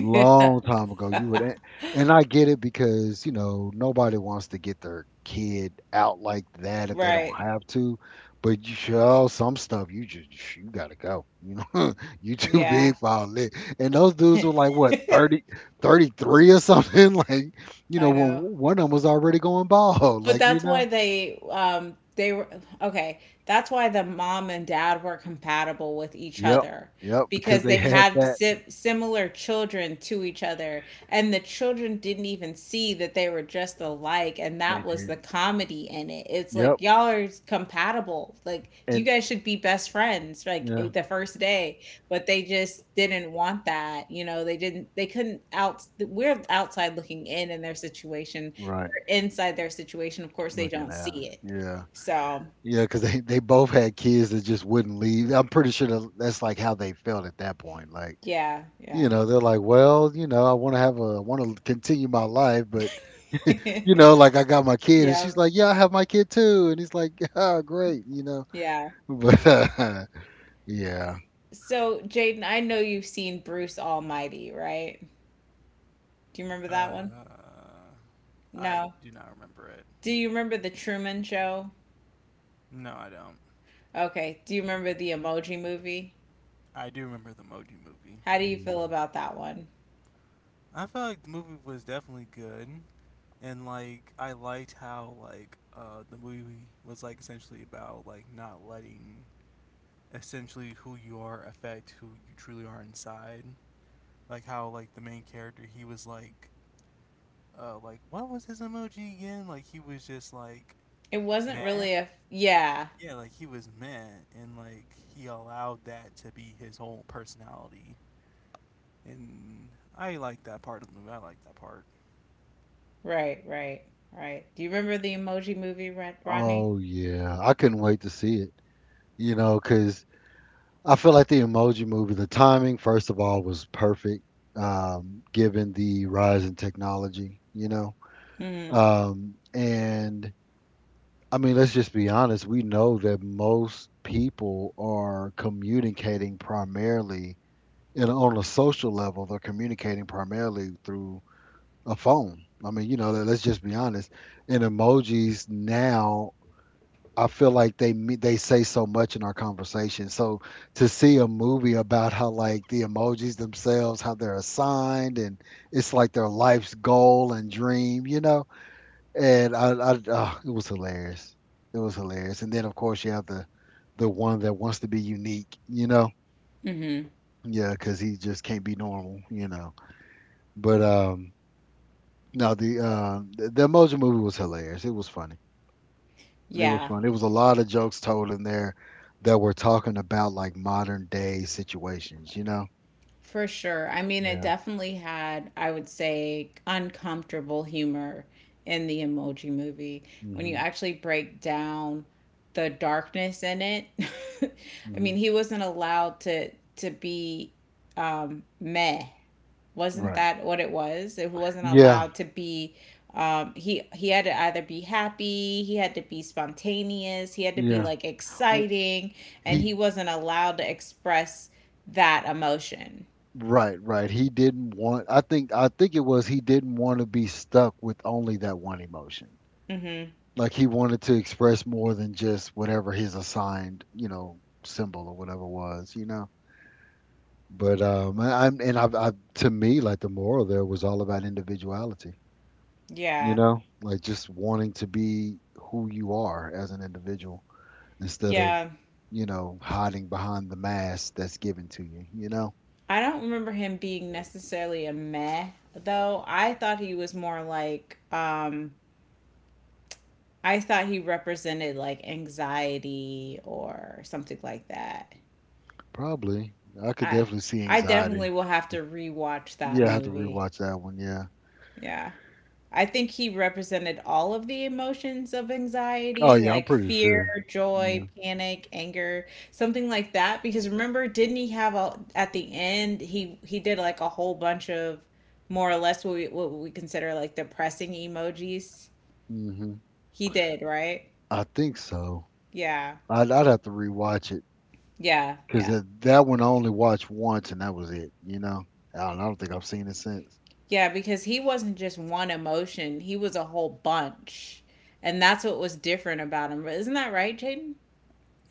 long time ago. And I get it, because, nobody wants to get their kid out like that if they don't Right. have to. But you show some stuff, you gotta go. You too Yeah. big for all that. And those dudes I were like what, 30, 33 or something. Like, when know. one of them was already going bald. But that's why they were okay. That's why the mom and dad were compatible with each Yep, other yep, because because they they had had that. Similar children to each other and the children didn't even see that they were just alike and They that was the did. comedy in it. It's Yep. like y'all are compatible. Like you And guys should be best friends like eh, yeah. the first day, but they just didn't want that. You know, they didn't they couldn't out we're outside looking in their situation Right. inside their situation, of course, they Looking don't at. see it. Yeah. So, Yeah, because they both had kids that just wouldn't leave. I'm pretty sure that's like how they felt at that point. Like, yeah, yeah. They're like, well, I want to have want to continue my life, but, you know, like I got my kid. And Yeah, she's like, yeah, I have my kid too. And he's like, oh, great. yeah. But yeah. So, Jaden, I know you've seen Bruce Almighty, right? Do you remember that one? Uh, I No. do not remember it. Do you remember The Truman Show? No, I don't. Okay. Do you remember the Emoji Movie? I do remember the Moji movie. How do you feel Mm. about that one? I felt like the movie was definitely good, and like I liked how like the movie was like essentially about like not letting essentially who you are affect who you truly are inside, like how like the main character he was like what was his emoji again? Like he was just like It wasn't really meh. a. Yeah, Yeah, like he was meh, and like he allowed that to be his whole personality. And I like that part of the movie. I like that part. right, right, right. Do you remember the Emoji Movie, Rodney? Oh, yeah. I couldn't wait to see it, because I feel like the emoji movie, the timing, first of all, was perfect, given the rise in technology. Mm-hmm. And I mean, let's just be honest. We know that most people are communicating primarily, and on a social level, they're communicating primarily through a phone. I mean, let's just be honest. And emojis now, I feel like they say so much in our conversation. So to see a movie about how like the emojis themselves, how they're assigned, and it's like their life's goal and dream, you know, and I oh, it was hilarious. It was hilarious. And then of course you have the one that wants to be unique, you know, Mm-hmm. yeah, because he just can't be normal, you know. But no, the Emoji Movie was hilarious. It was funny. It was Yeah. fun. It was a lot of jokes told in there that were talking about like modern day situations, you know. For sure. I mean, it Yeah. definitely had, I would say, uncomfortable humor in the emoji movie. When you hmm actually break down the darkness in it, I hmm mean, he wasn't allowed to be meh. Wasn't Right. that what it was? He wasn't Yeah. allowed to be he had to either be happy, he had to be spontaneous, he had to be Yeah. like W- exciting, and He he wasn't allowed to express that emotion. Right, right. He didn't want, I think it was he didn't want to be stuck with only that one emotion. Mm-hmm. Like he wanted to express more than just whatever his assigned, you know, symbol or whatever was, you know. But I've to me like the moral there was all about individuality, you Yeah. know, like just wanting to be who you are as an individual instead of, Yeah. you know, hiding behind the mask that's given to you, you know. I don't remember him being necessarily a meh though. I thought he was more like I thought he represented like anxiety or something like that. Probably. I could I definitely see I definitely anxiety. will have to rewatch that Yeah, I have to movie. rewatch that one. Yeah. Yeah. I think he represented all of the emotions of Oh anxiety, yeah, I'm like pretty fear, sure. Yeah. joy, panic, anger, something like that. Because remember, didn't he have a at the end he did like a whole bunch of more or less what we consider like depressing emojis? hmm He did, right? I think so. Yeah. I'd have to rewatch it Yeah, because yeah. that one I only watched once and that was it. You know. I don't think I've seen it since. Yeah, because he wasn't just one emotion, he was a whole bunch. And that's what was different about him. Isn't that right, Jaden?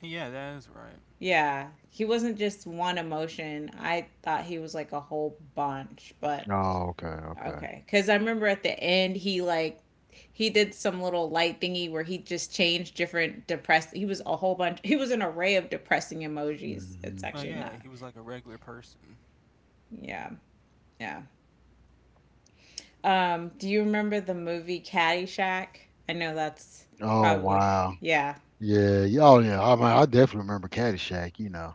Yeah, that is right. Yeah, he wasn't just one emotion. I thought he was like a whole bunch, but Oh, okay, okay. okay. Because I remember at the end, he like he did some little light thingy where he just changed different depressed. He was a whole bunch. He was an array of depressing emojis. It's hmm Oh actually yeah, not. he was like a regular person. Yeah, yeah. Do you remember the movie Caddyshack? I know that's Oh probably wow. yeah. Yeah, yeah, oh yeah. I mean, I definitely remember Caddyshack. You know.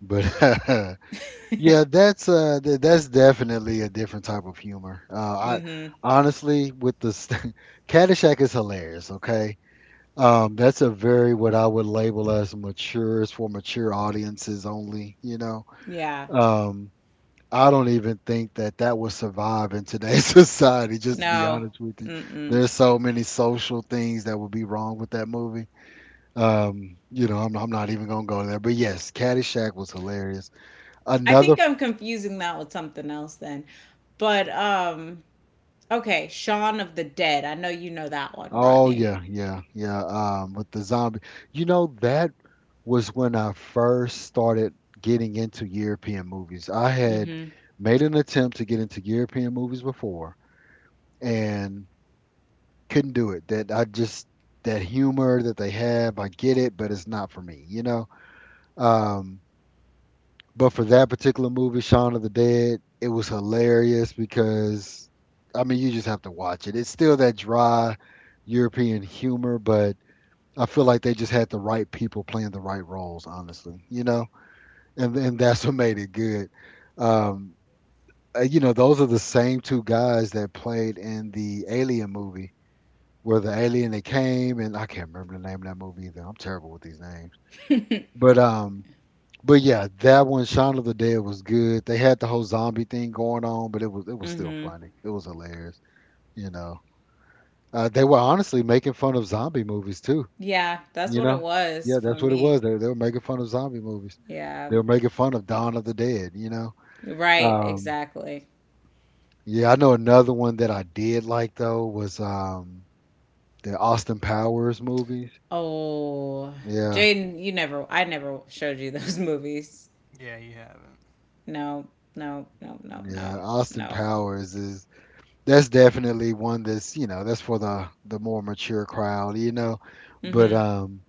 But yeah, that's definitely a different type of humor. I Mm-hmm. honestly, Caddyshack is hilarious. Okay. That's a very, what I would label as mature, it's for mature audiences only, you know. Yeah. Um, I don't even think that that would survive in today's society, just to be No. honest with you. Mm-mm. There's so many social things that would be wrong with that movie. You know, I'm not even gonna go there. But yes, Caddyshack was hilarious. I Another. think I'm confusing that with something else then. But okay, Shaun of the Dead. I know you know that one, Oh Rodney. yeah, yeah, yeah. With the zombie, you know, that was when I first started getting into European movies. I had Hmm. made an attempt to get into European movies before and couldn't do it. That I just that humor that they have, I get it, but it's not for me, you know. Um, but for that particular movie, Shaun of the Dead, it was hilarious because I mean you just have to watch it. It's still that dry European humor, but I feel like they just had the right people playing the right roles, honestly, you know, and that's what made it good. Um, you know, those are the same two guys that played in the Alien movie, where the alien that came, and I can't remember the name of that movie either. I'm terrible with these names, but um, but yeah, that one, Shaun of the Dead, was good. They had the whole zombie thing going on, but it was still funny. It was hilarious, you know. They were honestly making fun of zombie movies too. Yeah, that's You what it know? was Yeah, for that's what it me. was. They were making fun of zombie movies. Yeah. They were making fun of Dawn of the Dead, you know? Right, Um, exactly. yeah, I know another one that I did like, though, was the Austin Powers movies. Oh, Yeah, Jaden, you never I never showed you those movies. Yeah, you haven't. No, no, no, no, yeah. no, Austin no. Powers is, that's definitely one that's, you know, that's for the more mature crowd, you know? But, Hmm. um,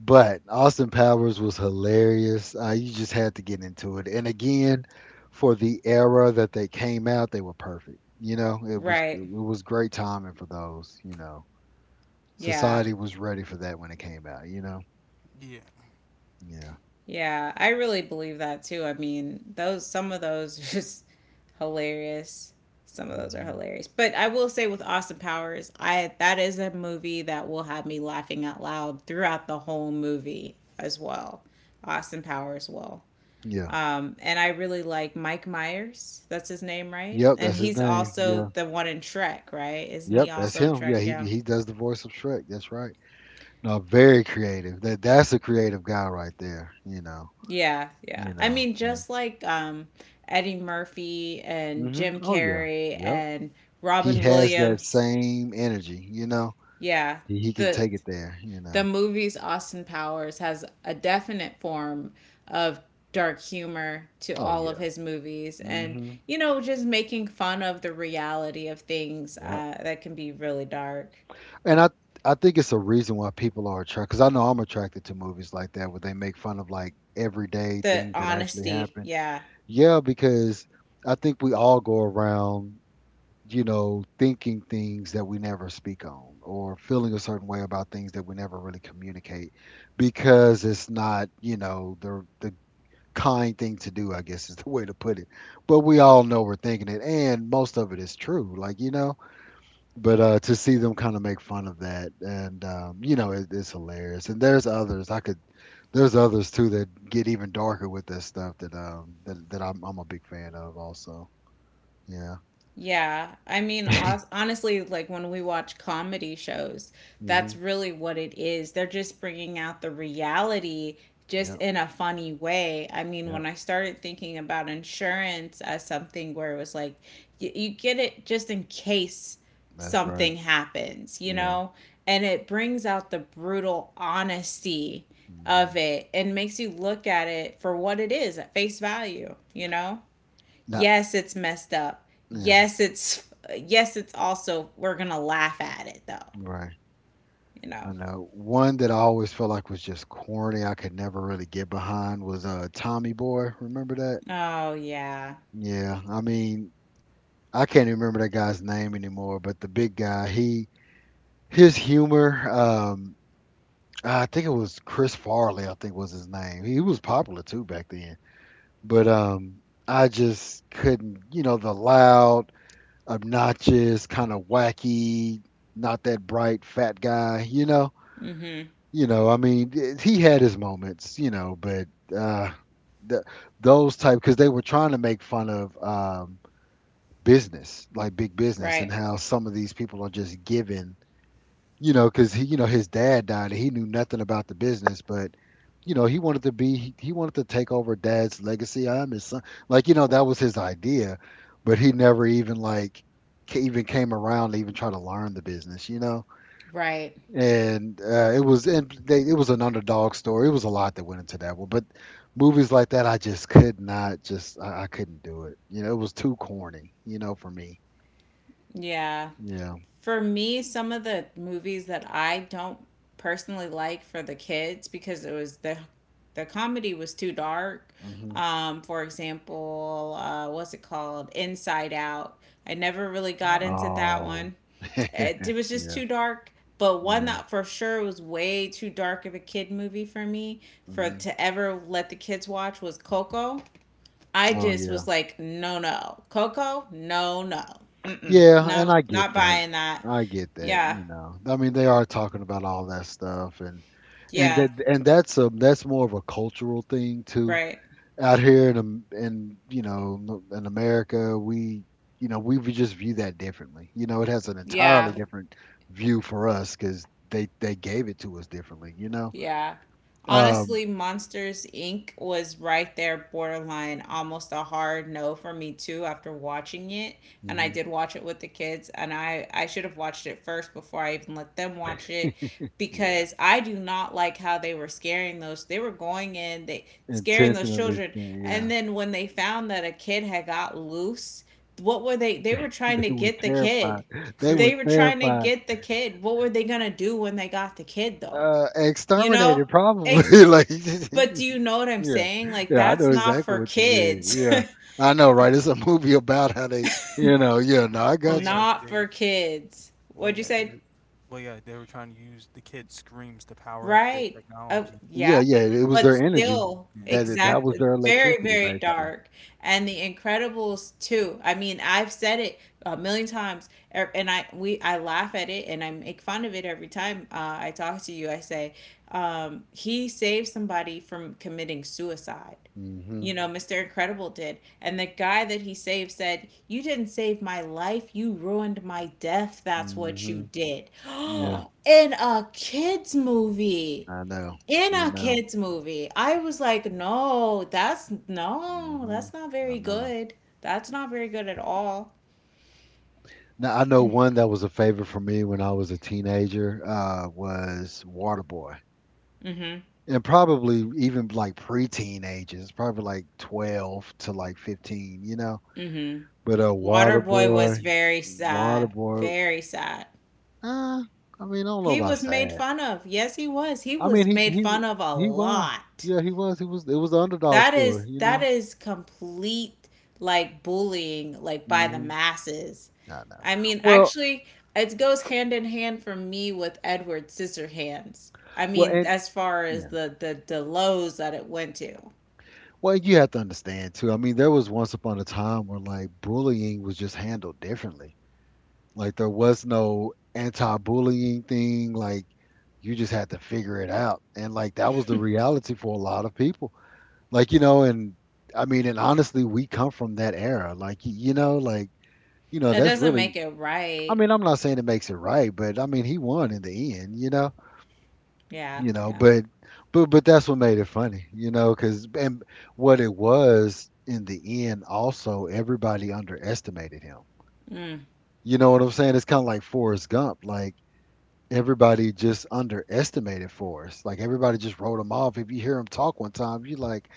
But Austin Powers was hilarious. You just had to get into it. And again, for the era that they came out, they were perfect. You know, it was it Right. was great timing for those. You know, Yeah. society was ready for that when it came out. You know, Yeah. yeah. Yeah, I really believe that too. I mean, those some of those are just hilarious. Some of those are hmm hilarious. But I will say with Austin Powers, I that is a movie that will have me laughing out loud throughout the whole movie as well. Austin Powers will. yeah. And I really like Mike Myers. That's his name, right? Yep, And that's his he's name. Yeah, also the one in Shrek, right? Isn't he yep, that's also in him. Shrek? Yeah, he Yeah. he does the voice of Shrek. That's right. No, very creative. That that's a creative guy right there. You know, Yeah, yeah. you I know. mean, Yeah. just like Eddie Murphy and Jim Oh yeah. Carrey Yep. and He Robin has that Williams. same energy, you know. Yeah, He can the take it there, you the know. movies Austin Powers has a definite form of dark humor to Oh all of yeah. his movies, and Mhm. you know, just making fun of the reality of things Yep. That can be really dark. And I think it's a reason why people are attracted because I know I'm attracted to movies like that where they make fun of like everyday The things that actually honesty, happen. yeah. Yeah, because I think we all go around, you know, thinking things that we never speak on or feeling a certain way about things that we never really communicate because it's not, you know, the kind thing to do, I guess, is the way to put it. But we all know we're thinking it, and most of it is true, like, you know. But to see them kind of make fun of that, and you know, it's hilarious. And there's others I could, there's others too that get even darker with this stuff that I'm a big fan of also. Yeah. Yeah, I mean, honestly, like when we watch comedy shows, that's Mhm. really what it is. They're just bringing out the reality just Yep. in a funny way. I mean, when Yep. I started thinking about insurance as something where it was like, you get it just in case That's right. something happens, you Yeah. know? And it brings out the brutal honesty Mhm. of it and makes you look at it for what it is at face value, you know? Now. Yes, it's messed up. Yeah. Yes, it's also we're going to laugh at it though, Right. you I know. know. One that I always felt like was just corny, I could never really get behind was Tommy Boy. Remember that? Oh yeah. Yeah. I mean, I can't even remember that guy's name anymore, but the big guy, he his humor, I think it was Chris Farley, I think was his name. He was popular too back then. But I just couldn't, you know, the loud, obnoxious, kind of wacky, not that bright fat guy, you know? Mhm. You know, I mean, he had his moments, you know, but uh, th- those type because they were trying to make fun of business, like big business, and Right. how some of these people are just given, you know, because he, you know, his dad died and he knew nothing about the business, but you know, he wanted to take over dad's legacy. I'm his son, like, you know, that was his idea, but he never even like even came around to even try to learn the business, you know, Right. and it was, and they, it was an underdog story. It was a lot that went into that one, but movies like that, I just could not, just I couldn't do it. You know, it was too corny. You know, for me. Yeah. Yeah. For me, some of the movies that I don't personally like for the kids because it was the comedy was too dark. hmm For example, what's it called? Inside Out. I never really got Um. into that Oh, one. It was just yeah, too dark. But one yeah. that for sure was way too dark of a kid movie for me for hmm to ever let the kids watch was Coco. I Oh, just yeah, was like, no, no, Coco, no, no, yeah. And no, I get not Yeah. that. buying that. I get that. Yeah, You know, I mean, they are talking about all that stuff, and yeah, that and that's a, that's more of a cultural thing too. right. Out here in in, you know, in America, we, you know, we would just view that differently. You know, it has an entirely Yeah, different view for us because they gave it to us differently. You know, yeah. um, Honestly, Monsters Inc. was right there, borderline, almost a hard no for me too after watching it. And I hmm did watch it with the kids, and I should have watched it first before I even let them watch it yeah, because I do not like how they were scaring those. They were going in, they scaring those intentionally children. skin. Yeah, And then when they found that a kid had got loose, what were they? They were trying to they were get the terrified. kid. They were They were trying to terrified. get the kid. What were they going to do when they got the kid, though? You know? Exterminated Ex- probably. like, yeah, but do you know what I'm saying? Like, yeah, I know that's not exactly for what you mean. kids. Yeah, I know, right? It's a movie about how they, you know, yeah. No, I well, got you. yeah, not they. for were- kids. Well, What'd you yeah, they. say? were- Well, yeah, they were trying to use the kid's screams to power up their Right. Technology. Yeah. Yeah, yeah, it was But their energy. still, That Yeah. that that was exactly. their Very, electricity, very basically. dark. And The Incredibles too. I mean, I've said it a million times, and I laugh at it and I make fun of it every time I talk to you. I say, he saved somebody from committing suicide. hmm You know, Mr. Incredible did. And the guy that he saved said, "You didn't save my life. You ruined my death. That's what you hmm did." Yeah, In a kid's movie. I know. In I a know. kid's movie. I was like, no, that's no, hmm that's not I very know. good. That's not very good at all. Now, I know one that was a favorite for me when I was a teenager, was Waterboy, Mm and probably even like pre-teen ages, probably like 12 to like 15, you know. hmm. Mm hmm. But Waterboy was Waterboy, very sad. Waterboy. Very sad. Uh, I mean, I don't know He about was made sad. fun of. Yes, he was. He I was mean, made fun of a he was. lot. Yeah, he was. He was. It was the underdog That is story, you that know. is complete like bullying like by the hmm masses. I know. I mean, Well, actually, it goes hand in hand for me with Edward Scissorhands. I well, mean, and as far as yeah. the lows that it went to. Well, you have to understand too. I mean, there was once upon a time where like bullying was just handled differently. Like there was no anti-bullying thing. Like you just had to figure it out, and like that was the reality for a lot of people. Like you know, and I mean, and honestly, we come from that era. Like you know, like you know, That that's doesn't really. make it I right. mean, I'm not saying it makes it right, but I mean, he won in the end, Yeah, you know, yeah. but but that's what made it funny, you know, because and what it was in the end, also everybody underestimated him. You know what I'm saying? It's kind of like Forrest Gump, like everybody just underestimated Forrest, like everybody just wrote him off. If you hear him talk one time, you're like,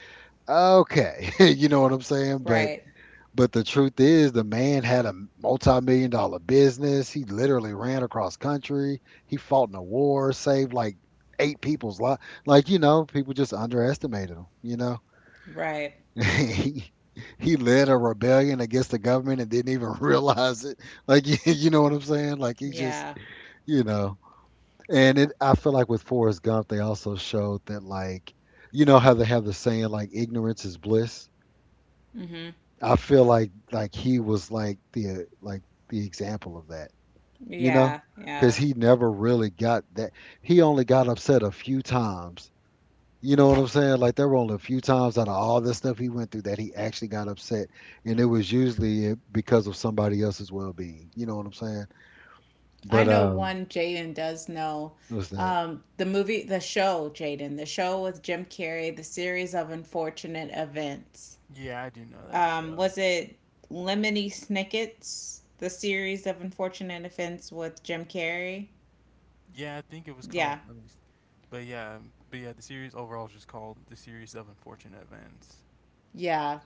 okay, you know what I'm saying? But Right. But the truth is, the man had a multi-million dollar business. He literally ran across country. He fought in a war, saved like eight people's life. Like, you know, people just underestimated him, you know. Right. he, he led a rebellion against the government and didn't even realize it. Like, you know what I'm saying? Like, he just, Yeah. you know. And it, I feel like with Forrest Gump, they also showed that, like, you know how they have the saying, like, ignorance is bliss? Mhm. I feel like he was like the example of that, you know, Yeah, because yeah. he never really got that. He only got upset a few times. You know what I'm saying? Like there were only a few times out of all the stuff he went through that he actually got upset, and it was usually because of somebody else's well-being. You know what I'm saying? I But know one Jaden does know. What's that? The movie, the show, Jaden, the show with Jim Carrey, the series of unfortunate events. Yeah, I do know that show. Was it Lemony Snicket's, the series of unfortunate events with Jim Carrey? Yeah, I think it was called. Yeah, Let me s- But yeah, the series overall is just called the series of unfortunate events. yeah.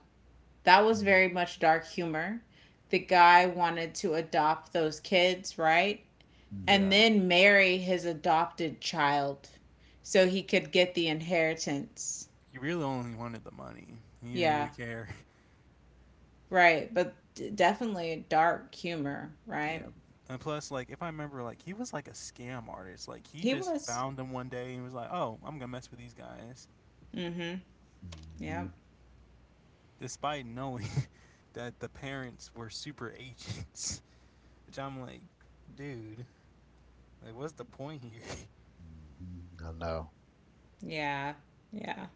That was Mm-hmm, very much dark humor. The guy wanted to adopt those kids, right? And mm-hmm, Yeah, then marry his adopted child so he could get the inheritance. he really only wanted the money. He didn't Yeah. really care. Right, but definitely dark humor, right? Yeah, and plus, like if I remember, like he was like a scam artist. Like he He just was. found them one day and was like, "Oh, I'm gonna mess with these guys," Mm-hmm. Yep. hmm despite knowing that the parents were super agents. Which I'm like, dude, like what's the point here? I know. Yeah. Yeah.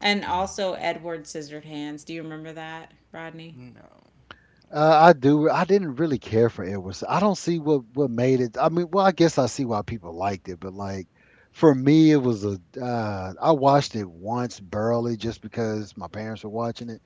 And Mm-hmm. also Edward Scissorhands. Do you remember that, Rodney? No, I don't. I do. I didn't really care for Edward. I don't see what made it. I mean, well, I guess I see why people liked it, but like for me, it was a. I watched it once barely, just because my parents were watching it,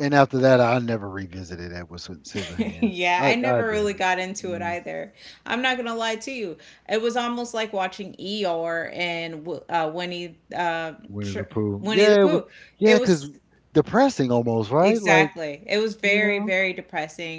and after that, I never revisited Scissorhands. yeah, I I I never really didn't. got into it Yeah, either. I'm not gonna lie to you. It was almost like watching Eeyore and Winnie the Tr- Pooh. Winnie the Yeah, it was. Pooh. Yeah, It cause was depressing almost, right? Like exactly. It was you very, know. very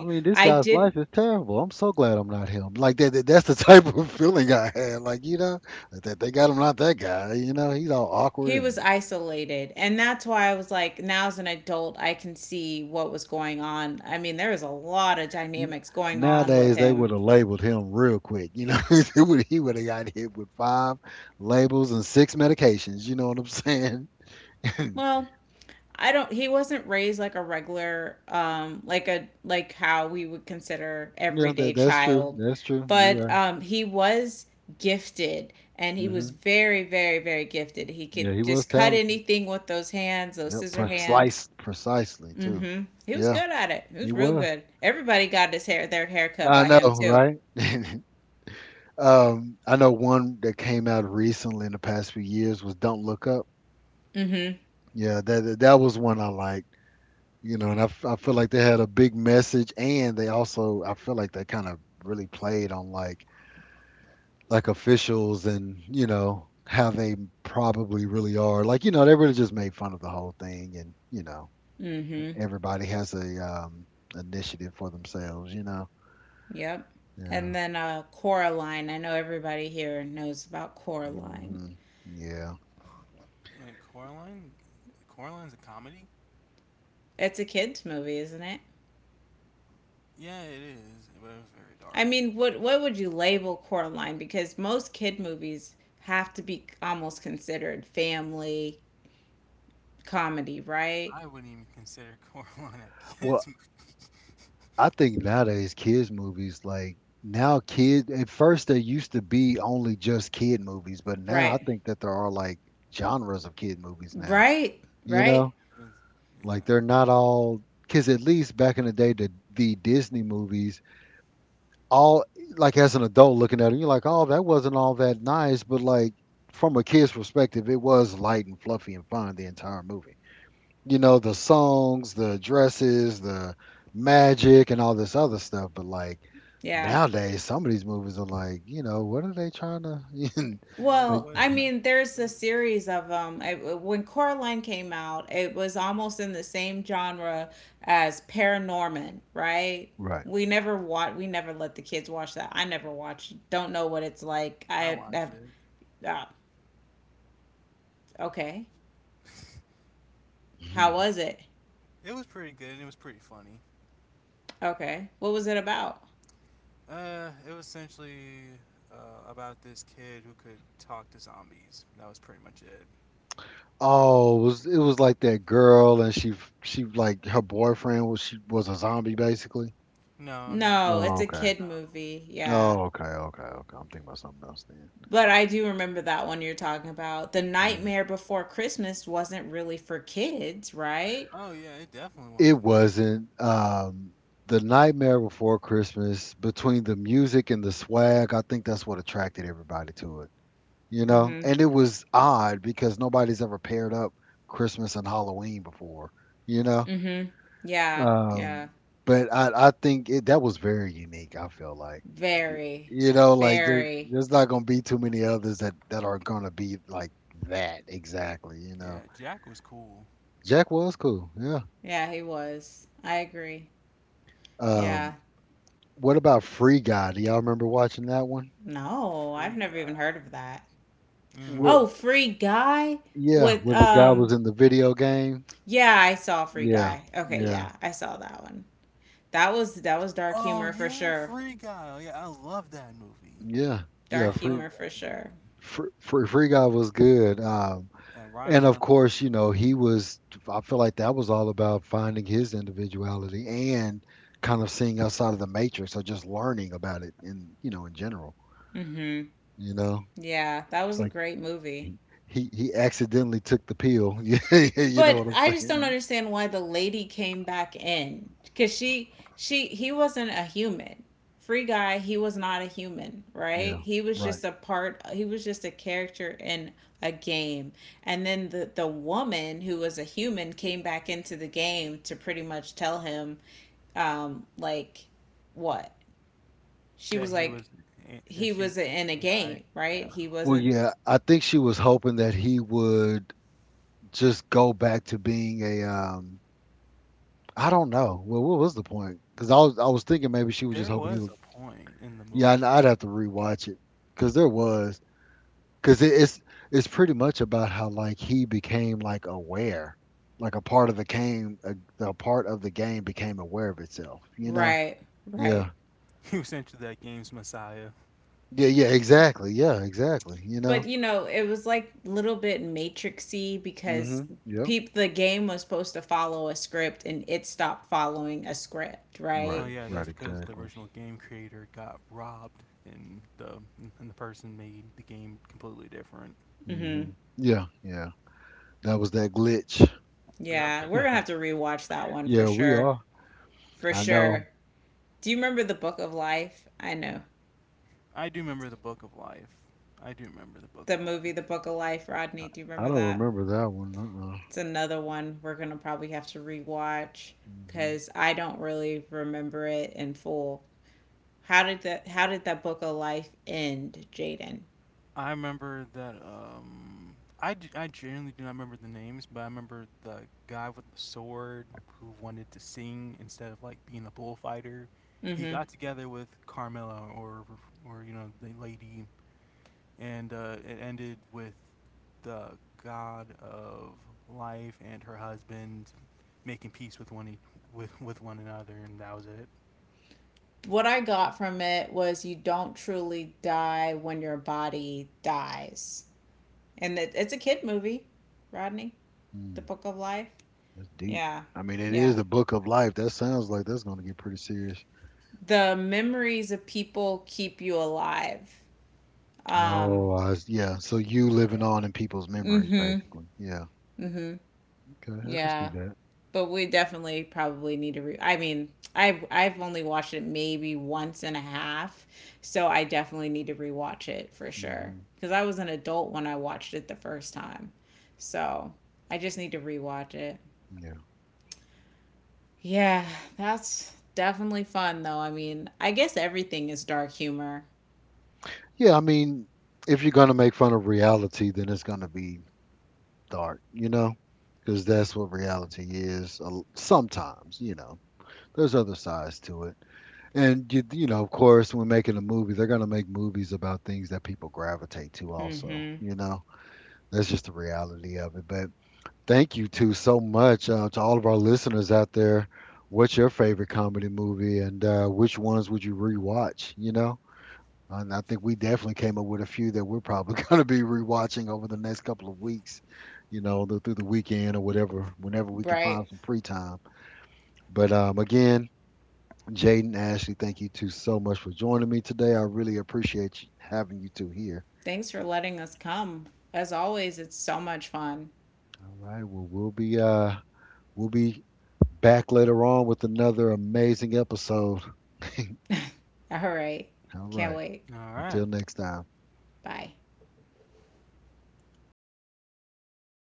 I mean, this I guy's did. life is terrible. I'm so glad I'm not him. Like that, that's the type of feeling I had. Like you know, like that they got him not that guy. You know, he's all awkward He was and isolated. And that's why I was like, now as an adult, I can see what was going on. I mean, there was a lot of n- dynamics going on with nowadays they him. would have labeled him real quick. You know, he would have got hit with five labels and six medications. You know what I'm saying? yeah, Well, I don't, he wasn't raised like a regular, like how we would consider everyday that's true. child. That's true. You're But right. He was gifted and he was Hmm. very, very, very gifted. He could Yeah, he was just cut talented. anything with those hands, those Yeah, scissor hands. Precisely too. Mm-hmm. He was Yeah, good at it. He he was real was. good. Everybody got his hair their haircut I by him know, too. right? I know one that came out recently in the past few years was "Don't Look Up." Mm-hmm. Yeah, that was one I liked. You know, and I feel like they had a big message, and they also I feel like they kind of really played on like officials and you know how they probably really are. Like you know, they really just made fun of the whole thing, and you know, Mm-hmm. everybody has a um initiative for themselves. You know, Yep. yeah, And then Coraline. I know everybody here knows about Coraline. hmm yeah. Wait, Coraline? Coraline's a comedy? It's a kids movie, isn't it? Yeah, it is, but it was very I dark. mean, what would you label Coraline? Because most kid movies have to be almost considered family comedy, right? I wouldn't even consider Coraline a Well, kids movie. I think It's- nowadays kids movies like now kid at first they used to be only just kid movies, but now I Right. think that there are like genres of kid movies now. Right. You Right. know, like yeah, they're not all because at least back in the day the Disney movies all like as an adult looking at them you're like oh that wasn't all that nice, but like from a kid's perspective it was light and fluffy and fun the entire movie, you know, the songs, the dresses, the magic, and all this other stuff. But like Yeah. nowadays, some of these movies are like, you know, what are they trying to you know, like like? what Well, were I they trying to mean, teach my there's a kids? series of them. I, when Coraline came out, it was almost in the same genre as Paranorman, right? Right. We never watch. We never let the kids watch that. I never watched. Don't know what it's like. I I watched have. it. Ah, okay. How was it? It was pretty good and it was pretty funny. Okay. What was it about? It was essentially about this kid who could talk to zombies. That was pretty much it. Oh, it was like that girl, and she like her boyfriend was she was a zombie basically. No, not. No, it's Oh, a okay. kid No. movie. Yeah. Oh, okay, okay, okay. I'm thinking about something else But I Yeah. do remember that one you're talking about. The then. Nightmare Before Christmas wasn't really for kids, right? Oh yeah, it definitely It wasn't. wasn't. The Nightmare Before Christmas, between the music and the swag, I think that's what attracted everybody to it. You know, Mm-hmm. and it was odd because nobody's ever paired up Christmas and Halloween before. You know, Mm-hmm. Yeah. um, Yeah. but I think that was very unique. I feel like Yeah, Very. you know, like Very. there's not gonna be too many others that are gonna be like that exactly. You yeah. know, Jack was cool. Jack was cool. Yeah. Yeah, he was. I agree. Yeah. Um, what about Free Guy? Do y'all remember watching that one? No, I've Free never even heard guy. of that. Where, Oh, Mm. Free Guy yeah, with where the guy was in the video game. yeah, I saw Free Yeah, Guy. Okay, yeah, yeah, I saw that one. That was dark Oh humor for yeah, sure. Free Guy. Oh, yeah, I love that movie. yeah, I yeah. Dark love humor for that sure. movie. Free Guy was good. And And Ryan of Reynolds. course, you know, he was. I feel like that was all about finding his individuality and kind of seeing outside of the matrix, or just learning about it in you know in general. Mm-hmm. You know, Yeah, that it's was a like great movie. he accidentally took the pill. Yeah, you know But what I'm I just don't saying? understand why the lady came back in because she he wasn't a human. Free guy, he was not a human, Yeah, right? He was right. just a part. He was just a character in a game. And then the woman who was a human came back into the game to pretty much tell him, like, what she That was he like. was. That He she. was in a Yeah. Game, right? Yeah. He Well, wasn't yeah, I think she was hoping that he would just go back to being a I don't know. Well, what was the point? Because I was thinking maybe she was just There hoping he was would. a point in the Yeah, movie. I'd have to rewatch it because there was because it, it's pretty much about how like he became like aware, like a part of the game, the part of the game became aware of itself. You know? right, right. Yeah. He was essentially that game's messiah. Yeah. Yeah. Exactly. Yeah. Exactly. You But know. you know, it was like a little bit matrixy because Mhm. Yep. peep the game was supposed to follow a script and it stopped following a script, Well, Right. right? yeah, that's Right. because the Exactly. original game creator got robbed, and the person made the game completely different. Mhm. Mhm. Yeah. Yeah. That was that glitch. Yep. Yeah, we're going to have to rewatch that one for Yeah, we sure. are. For I know. sure. Do you remember The Book of Life? I know. I do remember the Book of Life. I do remember the Book The of Life. movie The Book of Life, Rodney, do you I remember don't that? remember that one. Uh-uh. It's another one we're going to probably have to rewatch Hmm. cuz I don't really remember it in full. How did that Book of Life end, Jaden? I remember that. I genuinely do not remember the names, but I remember the guy with the sword who wanted to sing instead of like being a bullfighter. He Mhm. got together with Carmela, or you know, the lady, and it ended with the god of life and her husband making peace with with one another, and that was it. What I got from it was you don't truly die when your body dies. And it's a kid movie, Rodney, The Mm, Book of Life. that's deep. Yeah. I mean, it is Yeah. the Book of Life. That sounds like that's going to get pretty serious. The memories of people keep you alive. Um, Oh, yeah. So you living Yeah. on in people's memories, mm-hmm. basically. Yeah. Mm-hmm. Okay, I can see Yeah. that. But we definitely probably need to. I mean, I've only watched it maybe once and a half, so I definitely need to rewatch it for sure Hmm. because I was an adult when I watched it the first time, so I just need to rewatch it. Yeah. Yeah, that's definitely fun though. I mean, I guess everything is dark humor. Yeah, I mean, if you're going to make fun of reality, then it's going to be dark, you know? Because that's what reality is sometimes, you know. There's other sides to it. And you know, of course, when making a movie, they're gonna make movies about things that people gravitate to. Also, Mm-hmm. you know, that's just the reality of it. But thank you two so much to all of our listeners out there. What's your favorite comedy movie, and which ones would you rewatch? You know, and I think we definitely came up with a few that we're probably gonna be rewatching over the next couple of weeks. You know, through the weekend or whatever, whenever we can Right. find some free time. But Again, Jaden Ashley, thank you two so much for joining me today. I really appreciate having you two here. Thanks for letting us come. As always, it's so much fun. All right, we'll be back later on with another amazing episode. All right. All Can't right. wait. All right. Until next time. Bye.